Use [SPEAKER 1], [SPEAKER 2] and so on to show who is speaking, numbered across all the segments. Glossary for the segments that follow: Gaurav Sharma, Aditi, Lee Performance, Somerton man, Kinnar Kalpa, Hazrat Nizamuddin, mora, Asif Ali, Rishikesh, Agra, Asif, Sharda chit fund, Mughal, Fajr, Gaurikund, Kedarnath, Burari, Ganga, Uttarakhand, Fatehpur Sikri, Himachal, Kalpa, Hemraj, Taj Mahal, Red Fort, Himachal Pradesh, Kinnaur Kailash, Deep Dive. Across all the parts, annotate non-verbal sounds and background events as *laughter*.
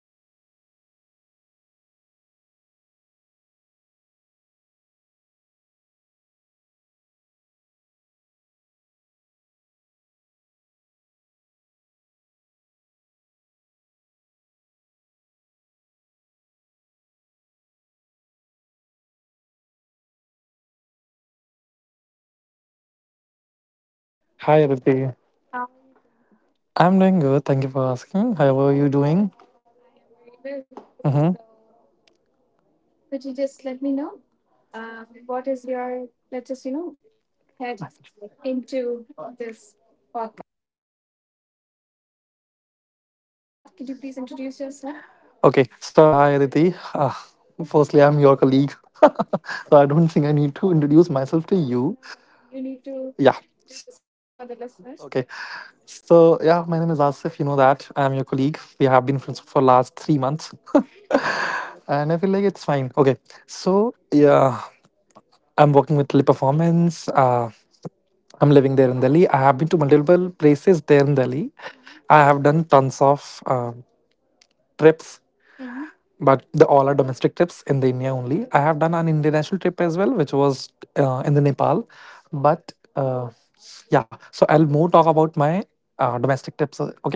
[SPEAKER 1] that makes you richer. But what happens when we move past the postcards and truly meet the culture? Hi, I'm Aditi, and on Deep Dive today, we explore intersection of people, place, and perspective. Today, we sit down with Asif Ali to discuss how traveling changed their life. This is more than just a trip; it's a transformation. Hi, Asif.
[SPEAKER 2] Hi, Aditi.
[SPEAKER 1] How are you doing today?
[SPEAKER 2] I'm doing good. Thank you for asking.
[SPEAKER 1] How
[SPEAKER 2] How are
[SPEAKER 1] are
[SPEAKER 2] you
[SPEAKER 1] you
[SPEAKER 2] doing?
[SPEAKER 1] doing? I am very well.
[SPEAKER 2] hmm
[SPEAKER 1] So, could you just let me know what is your? Let's just head into this podcast. Introduce yourself as well. But before that, could you please introduce yourself?
[SPEAKER 2] Okay. So, hi, Aditi. Firstly, I'm
[SPEAKER 1] Your
[SPEAKER 2] your colleague.
[SPEAKER 1] colleague.
[SPEAKER 2] *laughs*
[SPEAKER 1] *laughs*
[SPEAKER 2] So,
[SPEAKER 1] So
[SPEAKER 2] I
[SPEAKER 1] I don't
[SPEAKER 2] don't think
[SPEAKER 1] think
[SPEAKER 2] I
[SPEAKER 1] I need
[SPEAKER 2] need
[SPEAKER 1] to
[SPEAKER 2] to
[SPEAKER 1] introduce
[SPEAKER 2] introduce myself
[SPEAKER 1] myself
[SPEAKER 2] to
[SPEAKER 1] to you.
[SPEAKER 2] you.
[SPEAKER 1] No, but you need to, yeah,
[SPEAKER 2] Yeah.
[SPEAKER 1] do this for the listeners. Okay. So
[SPEAKER 2] Okay.
[SPEAKER 1] yes. So yeah,
[SPEAKER 2] So,
[SPEAKER 1] my name
[SPEAKER 2] yeah,
[SPEAKER 1] is
[SPEAKER 2] my name is
[SPEAKER 1] Asif. You know
[SPEAKER 2] Asif. You know
[SPEAKER 1] that
[SPEAKER 2] that.
[SPEAKER 1] I'm your
[SPEAKER 2] I'm your
[SPEAKER 1] colleague.
[SPEAKER 2] colleague.
[SPEAKER 1] We
[SPEAKER 2] We
[SPEAKER 1] have been
[SPEAKER 2] have been
[SPEAKER 1] friends
[SPEAKER 2] friends
[SPEAKER 1] for
[SPEAKER 2] for
[SPEAKER 1] last
[SPEAKER 2] last
[SPEAKER 1] three
[SPEAKER 2] three
[SPEAKER 1] months.
[SPEAKER 2] months. *laughs*
[SPEAKER 1] And I
[SPEAKER 2] And I
[SPEAKER 1] feel
[SPEAKER 2] feel
[SPEAKER 1] like
[SPEAKER 2] like
[SPEAKER 1] it's
[SPEAKER 2] it's
[SPEAKER 1] fine.
[SPEAKER 2] fine.
[SPEAKER 1] Okay.
[SPEAKER 2] Okay.
[SPEAKER 1] So,
[SPEAKER 2] So,
[SPEAKER 1] yeah,
[SPEAKER 2] yeah,
[SPEAKER 1] I'm,
[SPEAKER 2] I'm working with Lee Performance.
[SPEAKER 1] I'm
[SPEAKER 2] I'm
[SPEAKER 1] living
[SPEAKER 2] living
[SPEAKER 1] there.
[SPEAKER 2] there in Delhi.
[SPEAKER 1] I
[SPEAKER 2] I
[SPEAKER 1] have
[SPEAKER 2] have
[SPEAKER 1] been
[SPEAKER 2] been
[SPEAKER 1] to
[SPEAKER 2] to
[SPEAKER 1] multiple
[SPEAKER 2] multiple
[SPEAKER 1] places,
[SPEAKER 2] places there in Delhi.
[SPEAKER 1] mm-hmm. I
[SPEAKER 2] I have done tons of
[SPEAKER 1] have trips,
[SPEAKER 2] trips,
[SPEAKER 1] mm-hmm.
[SPEAKER 2] but the
[SPEAKER 1] but
[SPEAKER 2] all
[SPEAKER 1] all
[SPEAKER 2] are
[SPEAKER 1] are domestic
[SPEAKER 2] domestic
[SPEAKER 1] to
[SPEAKER 2] trips in the India
[SPEAKER 1] India
[SPEAKER 2] only.
[SPEAKER 1] only. I
[SPEAKER 2] I
[SPEAKER 1] have
[SPEAKER 2] have done an international trip
[SPEAKER 1] as
[SPEAKER 2] as
[SPEAKER 1] well,
[SPEAKER 2] well,
[SPEAKER 1] which
[SPEAKER 2] which was
[SPEAKER 1] was in
[SPEAKER 2] in
[SPEAKER 1] the
[SPEAKER 2] the
[SPEAKER 1] Nepal.
[SPEAKER 2] Nepal.
[SPEAKER 1] But,
[SPEAKER 2] But yeah,
[SPEAKER 1] yeah,
[SPEAKER 2] so
[SPEAKER 1] so I'll
[SPEAKER 2] I'll
[SPEAKER 1] more
[SPEAKER 2] more
[SPEAKER 1] talk
[SPEAKER 2] talk
[SPEAKER 1] about
[SPEAKER 2] about
[SPEAKER 1] my
[SPEAKER 2] my
[SPEAKER 1] domestic
[SPEAKER 2] domestic trips.
[SPEAKER 1] trips. Okay.
[SPEAKER 2] Okay,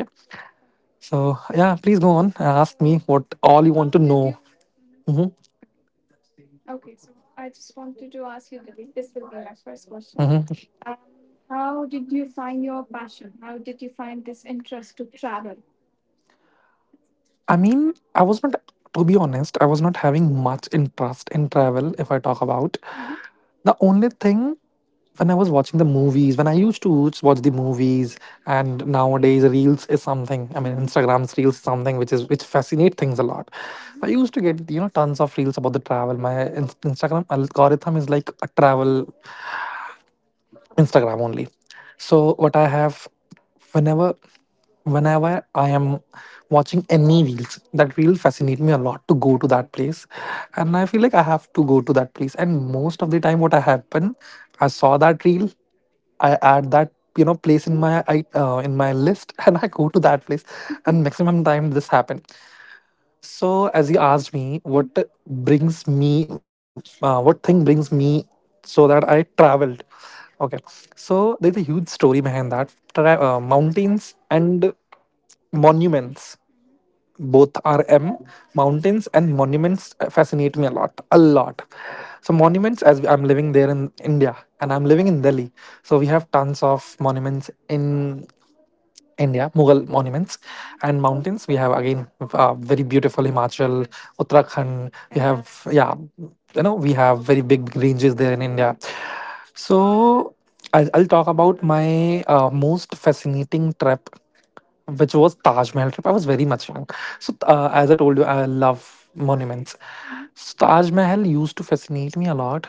[SPEAKER 1] Okay. So,
[SPEAKER 2] so
[SPEAKER 1] yeah,
[SPEAKER 2] yeah,
[SPEAKER 1] please
[SPEAKER 2] please go
[SPEAKER 1] go on.
[SPEAKER 2] on. And ask me what all you want
[SPEAKER 1] How
[SPEAKER 2] to
[SPEAKER 1] did
[SPEAKER 2] know.
[SPEAKER 1] you? Mm-hmm.
[SPEAKER 2] hmm
[SPEAKER 1] Mhm. Okay. Okay, so I just wanted to ask you, like, this will be my first question.
[SPEAKER 2] hmm
[SPEAKER 1] How did you find your passion? How did you find this interest to travel?
[SPEAKER 2] I
[SPEAKER 1] I mean,
[SPEAKER 2] mean, I was not. To be honest, I was not having much interest in travel. If I talk about
[SPEAKER 1] mhm,
[SPEAKER 2] the
[SPEAKER 1] the
[SPEAKER 2] only
[SPEAKER 1] only thing
[SPEAKER 2] thing when I was when I used to watch the movies,
[SPEAKER 1] I mean,
[SPEAKER 2] and nowadays reels is something. I mean,
[SPEAKER 1] mhm, Instagram
[SPEAKER 2] Instagram's
[SPEAKER 1] stories, yeah,
[SPEAKER 2] reels is something
[SPEAKER 1] something
[SPEAKER 2] which fascinate things a lot. I
[SPEAKER 1] mhm,
[SPEAKER 2] used to get tons of reels about the travel. Instagram algorithm is like a travel
[SPEAKER 1] Insta-,
[SPEAKER 2] Instagram only. So
[SPEAKER 1] so,
[SPEAKER 2] what I have Whenever whenever I am watching any reels, that reel fascinate me a lot to go to that place. And I feel like I have to go to that place. And most of the time what I happen, I saw that reel, I add that place in my in my list *laughs* and I go to that place, and maximum time this happen. So,
[SPEAKER 1] so
[SPEAKER 2] as
[SPEAKER 1] as
[SPEAKER 2] you
[SPEAKER 1] you
[SPEAKER 2] asked
[SPEAKER 1] asked,
[SPEAKER 2] me,
[SPEAKER 1] mhm,
[SPEAKER 2] what
[SPEAKER 1] what, mhm, brings
[SPEAKER 2] brings
[SPEAKER 1] me,
[SPEAKER 2] me,
[SPEAKER 1] what
[SPEAKER 2] what
[SPEAKER 1] thing
[SPEAKER 2] thing
[SPEAKER 1] brings
[SPEAKER 2] brings
[SPEAKER 1] me
[SPEAKER 2] me
[SPEAKER 1] so
[SPEAKER 2] so that
[SPEAKER 1] that I
[SPEAKER 2] I
[SPEAKER 1] travel?
[SPEAKER 2] traveled? Okay.
[SPEAKER 1] Okay, so
[SPEAKER 2] So,
[SPEAKER 1] there's
[SPEAKER 2] there's a
[SPEAKER 1] a huge
[SPEAKER 2] huge
[SPEAKER 1] story
[SPEAKER 2] story
[SPEAKER 1] behind
[SPEAKER 2] behind
[SPEAKER 1] that.
[SPEAKER 2] that.
[SPEAKER 1] Mountains
[SPEAKER 2] Mountains
[SPEAKER 1] and
[SPEAKER 2] and
[SPEAKER 1] monuments.
[SPEAKER 2] monuments,
[SPEAKER 1] Mm-hmm. Both
[SPEAKER 2] both
[SPEAKER 1] are
[SPEAKER 2] are
[SPEAKER 1] M.
[SPEAKER 2] M. Mountains
[SPEAKER 1] Mountains
[SPEAKER 2] and
[SPEAKER 1] and
[SPEAKER 2] monuments
[SPEAKER 1] monuments
[SPEAKER 2] fascinate
[SPEAKER 1] fascinate
[SPEAKER 2] me
[SPEAKER 1] me
[SPEAKER 2] a lot, a
[SPEAKER 1] a lot.
[SPEAKER 2] lot. So,
[SPEAKER 1] From
[SPEAKER 2] monuments, as I'm living there in India
[SPEAKER 1] India, and
[SPEAKER 2] and I'm
[SPEAKER 1] I'm
[SPEAKER 2] living
[SPEAKER 1] living
[SPEAKER 2] in
[SPEAKER 1] in Delhi,
[SPEAKER 2] Delhi. So,
[SPEAKER 1] so
[SPEAKER 2] we
[SPEAKER 1] we have
[SPEAKER 2] have tons
[SPEAKER 1] lots of
[SPEAKER 2] of
[SPEAKER 1] monuments
[SPEAKER 2] monuments in
[SPEAKER 1] in
[SPEAKER 2] India,
[SPEAKER 1] India, Mughal,
[SPEAKER 2] Mughal monuments
[SPEAKER 1] mm-hmm,
[SPEAKER 2] and
[SPEAKER 1] and mountains.
[SPEAKER 2] mountains. We
[SPEAKER 1] We
[SPEAKER 2] have
[SPEAKER 1] have again
[SPEAKER 2] again very
[SPEAKER 1] very beautiful
[SPEAKER 2] beautiful
[SPEAKER 1] Himachal. We are
[SPEAKER 2] Himachal,
[SPEAKER 1] rich, so
[SPEAKER 2] Uttarakhand. We
[SPEAKER 1] in, yeah, that
[SPEAKER 2] have,
[SPEAKER 1] ex-,
[SPEAKER 2] yeah, we
[SPEAKER 1] we have
[SPEAKER 2] have very
[SPEAKER 1] very big
[SPEAKER 2] big ranges
[SPEAKER 1] ranges there
[SPEAKER 2] there in
[SPEAKER 1] in India.
[SPEAKER 2] India.
[SPEAKER 1] Mm-hmm. So
[SPEAKER 2] So I'll,
[SPEAKER 1] I'll,
[SPEAKER 2] I'll
[SPEAKER 1] I'll
[SPEAKER 2] talk
[SPEAKER 1] talk
[SPEAKER 2] about
[SPEAKER 1] about
[SPEAKER 2] my
[SPEAKER 1] my
[SPEAKER 2] most
[SPEAKER 1] most
[SPEAKER 2] fascinating
[SPEAKER 1] fascinating trip,
[SPEAKER 2] trip,
[SPEAKER 1] yeah,
[SPEAKER 2] which
[SPEAKER 1] which
[SPEAKER 2] was
[SPEAKER 1] was
[SPEAKER 2] Taj
[SPEAKER 1] Taj
[SPEAKER 2] Mahal
[SPEAKER 1] Mahal.
[SPEAKER 2] trip. I
[SPEAKER 1] I
[SPEAKER 2] was
[SPEAKER 1] was
[SPEAKER 2] very
[SPEAKER 1] very much.
[SPEAKER 2] much young. So
[SPEAKER 1] So,
[SPEAKER 2] as
[SPEAKER 1] as
[SPEAKER 2] I
[SPEAKER 1] I
[SPEAKER 2] told
[SPEAKER 1] told
[SPEAKER 2] you,
[SPEAKER 1] you,
[SPEAKER 2] I
[SPEAKER 1] I love
[SPEAKER 2] love monuments.
[SPEAKER 1] monuments. Mm-hmm.
[SPEAKER 2] So
[SPEAKER 1] So
[SPEAKER 2] Taj
[SPEAKER 1] Taj Mahal
[SPEAKER 2] Mahal used
[SPEAKER 1] used
[SPEAKER 2] to
[SPEAKER 1] to
[SPEAKER 2] fascinate
[SPEAKER 1] fascinate
[SPEAKER 2] me
[SPEAKER 1] me
[SPEAKER 2] a
[SPEAKER 1] a lot.
[SPEAKER 2] lot.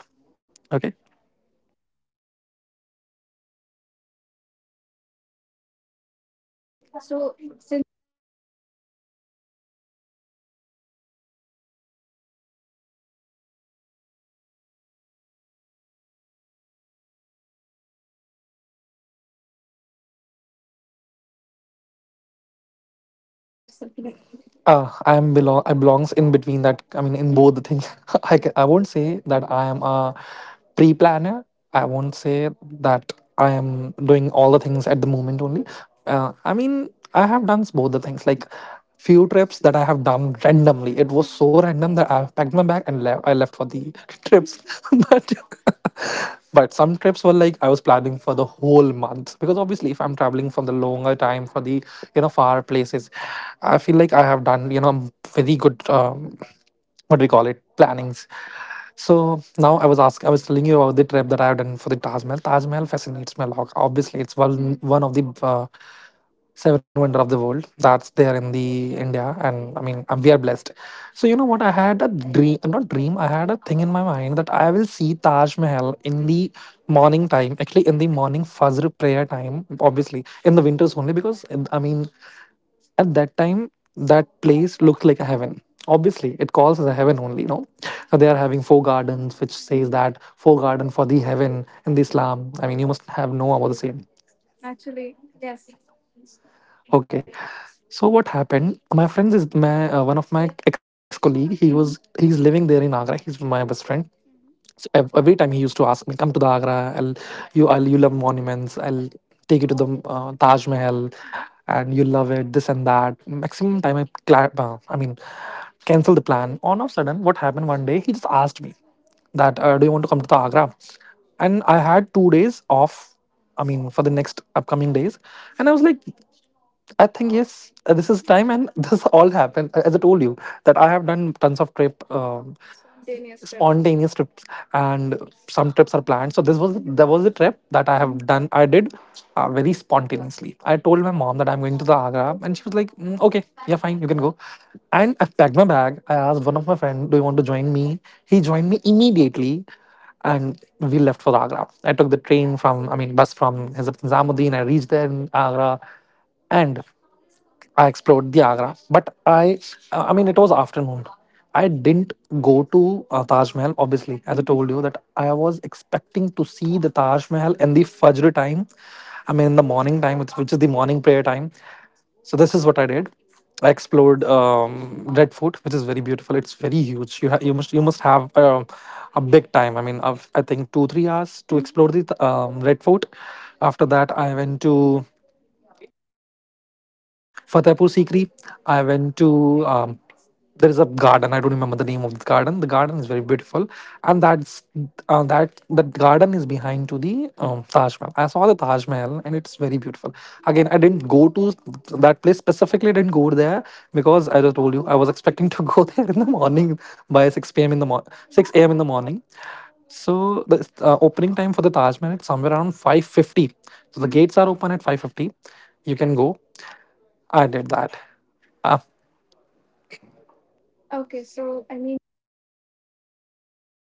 [SPEAKER 1] Okay.
[SPEAKER 2] Okay,
[SPEAKER 1] क्या करना Okay. Um, so since you were saying that y- monuments and mountains they fascinate you, so I just like it brings me to this question that how, I mean, how far in advance do you start planning a trip? Are you a last minute booker? And that's something that I wanted to, ask.
[SPEAKER 2] I'm belong I
[SPEAKER 1] I
[SPEAKER 2] belongs
[SPEAKER 1] belongs
[SPEAKER 2] in
[SPEAKER 1] in
[SPEAKER 2] between
[SPEAKER 1] between
[SPEAKER 2] that.
[SPEAKER 1] that.
[SPEAKER 2] I
[SPEAKER 1] I
[SPEAKER 2] mean, in
[SPEAKER 1] mean, in
[SPEAKER 2] both the
[SPEAKER 1] both *laughs*
[SPEAKER 2] things.
[SPEAKER 1] things.
[SPEAKER 2] *laughs*
[SPEAKER 1] *laughs*
[SPEAKER 2] I
[SPEAKER 1] I
[SPEAKER 2] won't
[SPEAKER 1] not say
[SPEAKER 2] say that
[SPEAKER 1] that
[SPEAKER 2] I
[SPEAKER 1] I
[SPEAKER 2] am
[SPEAKER 1] am
[SPEAKER 2] a
[SPEAKER 1] a
[SPEAKER 2] pre-planner. I won't say that I am doing all the things at the moment only. I mean, I have done both the things. Like, few trips that
[SPEAKER 1] that
[SPEAKER 2] I
[SPEAKER 1] I
[SPEAKER 2] have
[SPEAKER 1] have
[SPEAKER 2] done
[SPEAKER 1] done
[SPEAKER 2] randomly,
[SPEAKER 1] randomly.
[SPEAKER 2] it
[SPEAKER 1] It was
[SPEAKER 2] was
[SPEAKER 1] mm-hmm.
[SPEAKER 2] so
[SPEAKER 1] so
[SPEAKER 2] random
[SPEAKER 1] random
[SPEAKER 2] that
[SPEAKER 1] that I
[SPEAKER 2] I packed
[SPEAKER 1] packed
[SPEAKER 2] my
[SPEAKER 1] my
[SPEAKER 2] bag
[SPEAKER 1] bag
[SPEAKER 2] and
[SPEAKER 1] and left. I left
[SPEAKER 2] left for
[SPEAKER 1] for the
[SPEAKER 2] the *laughs* trips.
[SPEAKER 1] trips.
[SPEAKER 2] *laughs*
[SPEAKER 1] *laughs*
[SPEAKER 2] but
[SPEAKER 1] but
[SPEAKER 2] but some trips
[SPEAKER 1] so
[SPEAKER 2] were like
[SPEAKER 1] like
[SPEAKER 2] I was planning for
[SPEAKER 1] for the
[SPEAKER 2] the
[SPEAKER 1] whole
[SPEAKER 2] whole month,
[SPEAKER 1] month
[SPEAKER 2] because
[SPEAKER 1] because
[SPEAKER 2] obviously
[SPEAKER 1] obviously
[SPEAKER 2] if
[SPEAKER 1] if
[SPEAKER 2] I'm
[SPEAKER 1] I'm
[SPEAKER 2] traveling
[SPEAKER 1] traveling, mm-hmm,
[SPEAKER 2] for
[SPEAKER 1] for
[SPEAKER 2] the
[SPEAKER 1] the
[SPEAKER 2] longer
[SPEAKER 1] longer time
[SPEAKER 2] time, for
[SPEAKER 1] for
[SPEAKER 2] the
[SPEAKER 1] the, far,
[SPEAKER 2] far places, I feel like I have done very good, what
[SPEAKER 1] what
[SPEAKER 2] do
[SPEAKER 1] do
[SPEAKER 2] we
[SPEAKER 1] we
[SPEAKER 2] call
[SPEAKER 1] call it
[SPEAKER 2] it, plannings.
[SPEAKER 1] plannings.
[SPEAKER 2] So
[SPEAKER 1] So I
[SPEAKER 2] now
[SPEAKER 1] was
[SPEAKER 2] I was telling
[SPEAKER 1] telling
[SPEAKER 2] you
[SPEAKER 1] you
[SPEAKER 2] about the trip that I have done for the Taj Mahal. Taj Mahal fascinates me a lot. Obviously, it's
[SPEAKER 1] one,
[SPEAKER 2] one
[SPEAKER 1] mm-hmm,
[SPEAKER 2] one
[SPEAKER 1] one
[SPEAKER 2] of the seven
[SPEAKER 1] seven months
[SPEAKER 2] wonder of the world that's there in
[SPEAKER 1] in the
[SPEAKER 2] the
[SPEAKER 1] India.
[SPEAKER 2] india.
[SPEAKER 1] I
[SPEAKER 2] And I
[SPEAKER 1] mean,
[SPEAKER 2] mean,
[SPEAKER 1] I'm
[SPEAKER 2] we
[SPEAKER 1] we
[SPEAKER 2] are
[SPEAKER 1] are
[SPEAKER 2] blessed.
[SPEAKER 1] blessed.
[SPEAKER 2] So
[SPEAKER 1] So
[SPEAKER 2] you
[SPEAKER 1] you
[SPEAKER 2] know
[SPEAKER 1] know
[SPEAKER 2] what,
[SPEAKER 1] what? I
[SPEAKER 2] I had a dream.
[SPEAKER 1] I'm
[SPEAKER 2] Not
[SPEAKER 1] not dream.
[SPEAKER 2] dream, I
[SPEAKER 1] I had
[SPEAKER 2] had
[SPEAKER 1] a
[SPEAKER 2] a
[SPEAKER 1] thing
[SPEAKER 2] thing
[SPEAKER 1] in
[SPEAKER 2] in
[SPEAKER 1] my
[SPEAKER 2] my
[SPEAKER 1] mind
[SPEAKER 2] mind
[SPEAKER 1] that
[SPEAKER 2] that
[SPEAKER 1] I
[SPEAKER 2] I
[SPEAKER 1] will
[SPEAKER 2] will
[SPEAKER 1] see
[SPEAKER 2] see
[SPEAKER 1] Taj
[SPEAKER 2] Taj Mahal
[SPEAKER 1] Mahal in
[SPEAKER 2] in
[SPEAKER 1] the
[SPEAKER 2] the
[SPEAKER 1] morning
[SPEAKER 2] morning time,
[SPEAKER 1] time, actually
[SPEAKER 2] actually in the morning Fajr prayer time, obviously
[SPEAKER 1] in
[SPEAKER 2] in
[SPEAKER 1] the
[SPEAKER 2] the
[SPEAKER 1] winter.
[SPEAKER 2] winters only, because
[SPEAKER 1] I
[SPEAKER 2] I
[SPEAKER 1] mean,
[SPEAKER 2] mean
[SPEAKER 1] at
[SPEAKER 2] at
[SPEAKER 1] the
[SPEAKER 2] that
[SPEAKER 1] time
[SPEAKER 2] time
[SPEAKER 1] that
[SPEAKER 2] that
[SPEAKER 1] place
[SPEAKER 2] place
[SPEAKER 1] looks
[SPEAKER 2] looks
[SPEAKER 1] like
[SPEAKER 2] like
[SPEAKER 1] a
[SPEAKER 2] a
[SPEAKER 1] heaven.
[SPEAKER 2] heaven.
[SPEAKER 1] Obviously,
[SPEAKER 2] Obviously
[SPEAKER 1] it,
[SPEAKER 2] it calls as a heaven only, no?
[SPEAKER 1] so
[SPEAKER 2] So they
[SPEAKER 1] there
[SPEAKER 2] are having four
[SPEAKER 1] are
[SPEAKER 2] gardens, which
[SPEAKER 1] which, mm-hmm, says
[SPEAKER 2] says
[SPEAKER 1] that
[SPEAKER 2] that
[SPEAKER 1] for
[SPEAKER 2] four
[SPEAKER 1] God
[SPEAKER 2] garden
[SPEAKER 1] and for
[SPEAKER 2] for
[SPEAKER 1] the
[SPEAKER 2] the
[SPEAKER 1] heaven
[SPEAKER 2] heaven
[SPEAKER 1] in
[SPEAKER 2] in
[SPEAKER 1] the
[SPEAKER 2] the
[SPEAKER 1] Islam.
[SPEAKER 2] Islam.
[SPEAKER 1] I
[SPEAKER 2] I
[SPEAKER 1] mean,
[SPEAKER 2] mean,
[SPEAKER 1] you
[SPEAKER 2] you
[SPEAKER 1] must
[SPEAKER 2] must
[SPEAKER 1] have
[SPEAKER 2] have
[SPEAKER 1] no
[SPEAKER 2] know about
[SPEAKER 1] hours.
[SPEAKER 2] the same.
[SPEAKER 1] Actually, yes. Okay.
[SPEAKER 2] Okay.
[SPEAKER 1] So
[SPEAKER 2] So
[SPEAKER 1] what
[SPEAKER 2] what
[SPEAKER 1] happened?
[SPEAKER 2] happened?
[SPEAKER 1] My
[SPEAKER 2] My
[SPEAKER 1] friend
[SPEAKER 2] friend
[SPEAKER 1] is
[SPEAKER 2] is
[SPEAKER 1] my
[SPEAKER 2] my,
[SPEAKER 1] one
[SPEAKER 2] one
[SPEAKER 1] of
[SPEAKER 2] of
[SPEAKER 1] my
[SPEAKER 2] my
[SPEAKER 1] ex
[SPEAKER 2] ex colleague.
[SPEAKER 1] colleagues. He was, mm-hmm, he
[SPEAKER 2] He's
[SPEAKER 1] living
[SPEAKER 2] living
[SPEAKER 1] there
[SPEAKER 2] there
[SPEAKER 1] in
[SPEAKER 2] in
[SPEAKER 1] Agra.
[SPEAKER 2] Agra. He's
[SPEAKER 1] He's my
[SPEAKER 2] my best
[SPEAKER 1] best friend.
[SPEAKER 2] friend.
[SPEAKER 1] Mm-hmm. So
[SPEAKER 2] So
[SPEAKER 1] every
[SPEAKER 2] every
[SPEAKER 1] time
[SPEAKER 2] time
[SPEAKER 1] he
[SPEAKER 2] he
[SPEAKER 1] used
[SPEAKER 2] used
[SPEAKER 1] to
[SPEAKER 2] to
[SPEAKER 1] ask
[SPEAKER 2] ask
[SPEAKER 1] me,
[SPEAKER 2] me,
[SPEAKER 1] "Come
[SPEAKER 2] "Come
[SPEAKER 1] to
[SPEAKER 2] to the
[SPEAKER 1] the Agra.
[SPEAKER 2] Agra.
[SPEAKER 1] And you I'll,
[SPEAKER 2] I'll
[SPEAKER 1] you
[SPEAKER 2] you love
[SPEAKER 1] love monuments.
[SPEAKER 2] monuments.
[SPEAKER 1] And
[SPEAKER 2] I'll
[SPEAKER 1] take
[SPEAKER 2] take you
[SPEAKER 1] you
[SPEAKER 2] to
[SPEAKER 1] to the
[SPEAKER 2] the Taj
[SPEAKER 1] Taj,
[SPEAKER 2] Mahal,
[SPEAKER 1] mm-hmm,
[SPEAKER 2] and
[SPEAKER 1] and
[SPEAKER 2] you
[SPEAKER 1] you
[SPEAKER 2] love it. This
[SPEAKER 1] love
[SPEAKER 2] and that." Maximum time I I mean,
[SPEAKER 1] it." Came
[SPEAKER 2] cancel the plan. On
[SPEAKER 1] to
[SPEAKER 2] of sudden,
[SPEAKER 1] sudden
[SPEAKER 2] what happened one day? He just asked
[SPEAKER 1] asked
[SPEAKER 2] me that,
[SPEAKER 1] that, do
[SPEAKER 2] "Do
[SPEAKER 1] you
[SPEAKER 2] you want
[SPEAKER 1] want
[SPEAKER 2] to
[SPEAKER 1] to
[SPEAKER 2] come to the Agra?"
[SPEAKER 1] Agra.
[SPEAKER 2] And
[SPEAKER 1] And
[SPEAKER 2] I
[SPEAKER 1] I
[SPEAKER 2] had
[SPEAKER 1] had
[SPEAKER 2] two
[SPEAKER 1] two
[SPEAKER 2] days
[SPEAKER 1] days off,
[SPEAKER 2] off. I
[SPEAKER 1] I mean,
[SPEAKER 2] mean, for
[SPEAKER 1] for
[SPEAKER 2] the
[SPEAKER 1] the
[SPEAKER 2] next
[SPEAKER 1] next
[SPEAKER 2] upcoming
[SPEAKER 1] upcoming
[SPEAKER 2] days,
[SPEAKER 1] days.
[SPEAKER 2] and I
[SPEAKER 1] And I
[SPEAKER 2] was
[SPEAKER 1] was
[SPEAKER 2] like,
[SPEAKER 1] like,
[SPEAKER 2] I
[SPEAKER 1] I
[SPEAKER 2] think
[SPEAKER 1] think yes,
[SPEAKER 2] yes, this
[SPEAKER 1] this
[SPEAKER 2] is
[SPEAKER 1] is
[SPEAKER 2] time,
[SPEAKER 1] time
[SPEAKER 2] and *laughs*
[SPEAKER 1] and *laughs*
[SPEAKER 2] this
[SPEAKER 1] this
[SPEAKER 2] all
[SPEAKER 1] all
[SPEAKER 2] happened,
[SPEAKER 1] happened.
[SPEAKER 2] as I
[SPEAKER 1] As I
[SPEAKER 2] told
[SPEAKER 1] told
[SPEAKER 2] you
[SPEAKER 1] you,
[SPEAKER 2] that I
[SPEAKER 1] that I
[SPEAKER 2] have
[SPEAKER 1] have
[SPEAKER 2] done
[SPEAKER 1] done
[SPEAKER 2] tons of
[SPEAKER 1] tons of
[SPEAKER 2] trip,
[SPEAKER 1] trip, spontaneous. Trip.
[SPEAKER 2] spontaneous
[SPEAKER 1] Yes, trips
[SPEAKER 2] trips, and
[SPEAKER 1] and
[SPEAKER 2] some
[SPEAKER 1] some
[SPEAKER 2] trips are
[SPEAKER 1] trips are
[SPEAKER 2] planned. So
[SPEAKER 1] planned.
[SPEAKER 2] this
[SPEAKER 1] This
[SPEAKER 2] was
[SPEAKER 1] was
[SPEAKER 2] there
[SPEAKER 1] there
[SPEAKER 2] was a
[SPEAKER 1] was a
[SPEAKER 2] trip
[SPEAKER 1] trip
[SPEAKER 2] that I
[SPEAKER 1] that I have,
[SPEAKER 2] have
[SPEAKER 1] mm-hmm,
[SPEAKER 2] done.
[SPEAKER 1] done.
[SPEAKER 2] I
[SPEAKER 1] I
[SPEAKER 2] did,
[SPEAKER 1] did
[SPEAKER 2] very spontaneously.
[SPEAKER 1] spontaneously.
[SPEAKER 2] I
[SPEAKER 1] I
[SPEAKER 2] told my
[SPEAKER 1] told my
[SPEAKER 2] mom that I'm going to the Agra,
[SPEAKER 1] mother
[SPEAKER 2] and she
[SPEAKER 1] and
[SPEAKER 2] was
[SPEAKER 1] she's, mm-hmm,
[SPEAKER 2] like, "Mm,
[SPEAKER 1] like,
[SPEAKER 2] okay,
[SPEAKER 1] okay,
[SPEAKER 2] yeah,
[SPEAKER 1] you
[SPEAKER 2] fine, you can
[SPEAKER 1] can
[SPEAKER 2] go."
[SPEAKER 1] go.
[SPEAKER 2] And I packed my bag. I asked one of my friend, "Do you want to join me?" He joined me immediately, and we left for Agra. I took the train from, I mean, bus from Hazrat Nizamuddin. I reached there in Agra, and I explored the Agra, but I mean, it was afternoon. I
[SPEAKER 1] I
[SPEAKER 2] didn't
[SPEAKER 1] didn't
[SPEAKER 2] go
[SPEAKER 1] go to
[SPEAKER 2] to Taj
[SPEAKER 1] Taj
[SPEAKER 2] Mahal,
[SPEAKER 1] Mahal.
[SPEAKER 2] obviously,
[SPEAKER 1] Obviously, I,
[SPEAKER 2] as I
[SPEAKER 1] mm-hmm,
[SPEAKER 2] told you
[SPEAKER 1] told you
[SPEAKER 2] that
[SPEAKER 1] that
[SPEAKER 2] I
[SPEAKER 1] I
[SPEAKER 2] was
[SPEAKER 1] was
[SPEAKER 2] expecting to
[SPEAKER 1] expecting to
[SPEAKER 2] see
[SPEAKER 1] see
[SPEAKER 2] the Taj
[SPEAKER 1] Taj
[SPEAKER 2] Mahal
[SPEAKER 1] Mahal
[SPEAKER 2] in the
[SPEAKER 1] and the
[SPEAKER 2] Fajr
[SPEAKER 1] Fajr
[SPEAKER 2] time. I mean, in the morning time, which is the morning prayer time. So this is what I did. I explored Red Fort, which is very beautiful. It's very huge. You must have a big time. I mean, of I think two three
[SPEAKER 1] two three
[SPEAKER 2] hours to
[SPEAKER 1] hours to, mhm,
[SPEAKER 2] explore the
[SPEAKER 1] explore the
[SPEAKER 2] Red
[SPEAKER 1] Red
[SPEAKER 2] Fort.
[SPEAKER 1] Fort.
[SPEAKER 2] After that, I went
[SPEAKER 1] And
[SPEAKER 2] to Fatehpur Sikri. I went to, there is a garden. I don't remember the name of the garden. The garden is very beautiful, and that garden is behind to the Taj Mahal. I saw the Taj Mahal, and it's very beautiful. Again, I didn't go to that place specifically. I didn't go there because, I just told you, I was expecting to *laughs* go there in the morning by six p.m. in
[SPEAKER 1] 6
[SPEAKER 2] the
[SPEAKER 1] p.m. in the
[SPEAKER 2] morning,
[SPEAKER 1] morning.
[SPEAKER 2] six a.m.
[SPEAKER 1] Mm-hmm.
[SPEAKER 2] in
[SPEAKER 1] 6
[SPEAKER 2] the
[SPEAKER 1] a.m. in the
[SPEAKER 2] morning. So
[SPEAKER 1] morning. So
[SPEAKER 2] the
[SPEAKER 1] the
[SPEAKER 2] opening time
[SPEAKER 1] opening
[SPEAKER 2] for the
[SPEAKER 1] time for the
[SPEAKER 2] Taj Mahal
[SPEAKER 1] Taj
[SPEAKER 2] is
[SPEAKER 1] Mahal is
[SPEAKER 2] somewhere around
[SPEAKER 1] somewhere around
[SPEAKER 2] 5:50.
[SPEAKER 1] 5:50.
[SPEAKER 2] So the
[SPEAKER 1] The,
[SPEAKER 2] gates
[SPEAKER 1] mhm,
[SPEAKER 2] are
[SPEAKER 1] gates
[SPEAKER 2] open
[SPEAKER 1] are
[SPEAKER 2] at five
[SPEAKER 1] open at
[SPEAKER 2] fifty.
[SPEAKER 1] 5:50.
[SPEAKER 2] You can
[SPEAKER 1] You
[SPEAKER 2] go.
[SPEAKER 1] can go.
[SPEAKER 2] I did
[SPEAKER 1] I did
[SPEAKER 2] that.
[SPEAKER 1] that.
[SPEAKER 2] Uh,
[SPEAKER 1] Uh, Okay, so I mean, now yeah, that yeah, you're saying that,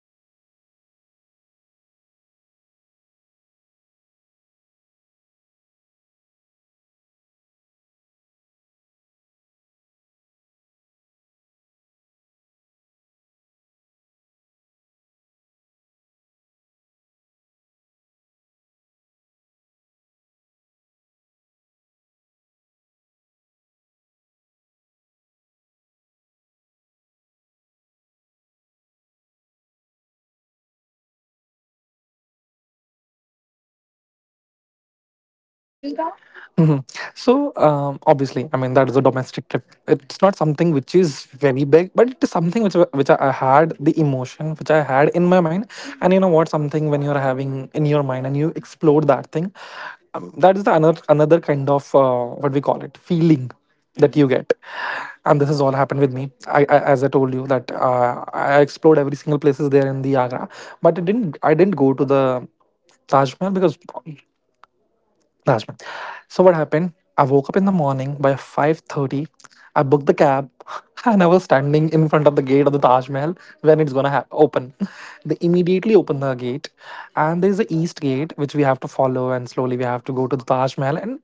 [SPEAKER 1] okay, so you have talked about how this was a spontaneous trip altogether, ho- but you still had plans for the Taj to see the Taj Mahal, right? So could you just let me know how was because this was something that you have been planning as you emphasize on that. So how was that experience when you saw the Taj Mahal in th- during the time that you wanted to so how was because it seems that how you were explaining it se- it seems such a beautiful view so I just need you to explain that to our listeners could you please do that
[SPEAKER 2] mhm. So, obviously, I mean that is a domestic trip. It's not something which is very big, but it is something which I had the emotion which I
[SPEAKER 1] which
[SPEAKER 2] had
[SPEAKER 1] I
[SPEAKER 2] in my
[SPEAKER 1] had in
[SPEAKER 2] mind.
[SPEAKER 1] my mind.
[SPEAKER 2] And you know
[SPEAKER 1] Mhm. And
[SPEAKER 2] what?
[SPEAKER 1] you know what?
[SPEAKER 2] Something when you're
[SPEAKER 1] Something
[SPEAKER 2] having
[SPEAKER 1] when
[SPEAKER 2] in your mind and you explore that thing, that is the another kind of, what we call it, feeling that you get.
[SPEAKER 1] you get,
[SPEAKER 2] And this has
[SPEAKER 1] and
[SPEAKER 2] all
[SPEAKER 1] this
[SPEAKER 2] happened
[SPEAKER 1] is
[SPEAKER 2] with me. I as I told you that, I explored every single places there in the Agra, but it didn't. I didn't go to the Taj Mahal because that's fine. So what happened? I woke up in the morning by 5:30. I booked the cab, *laughs* and I was standing in front of the gate of the Taj Mahal when it's open. They immediately open the gate, and there's the east gate which we have to follow, and slowly we have to go to the Taj Mahal. And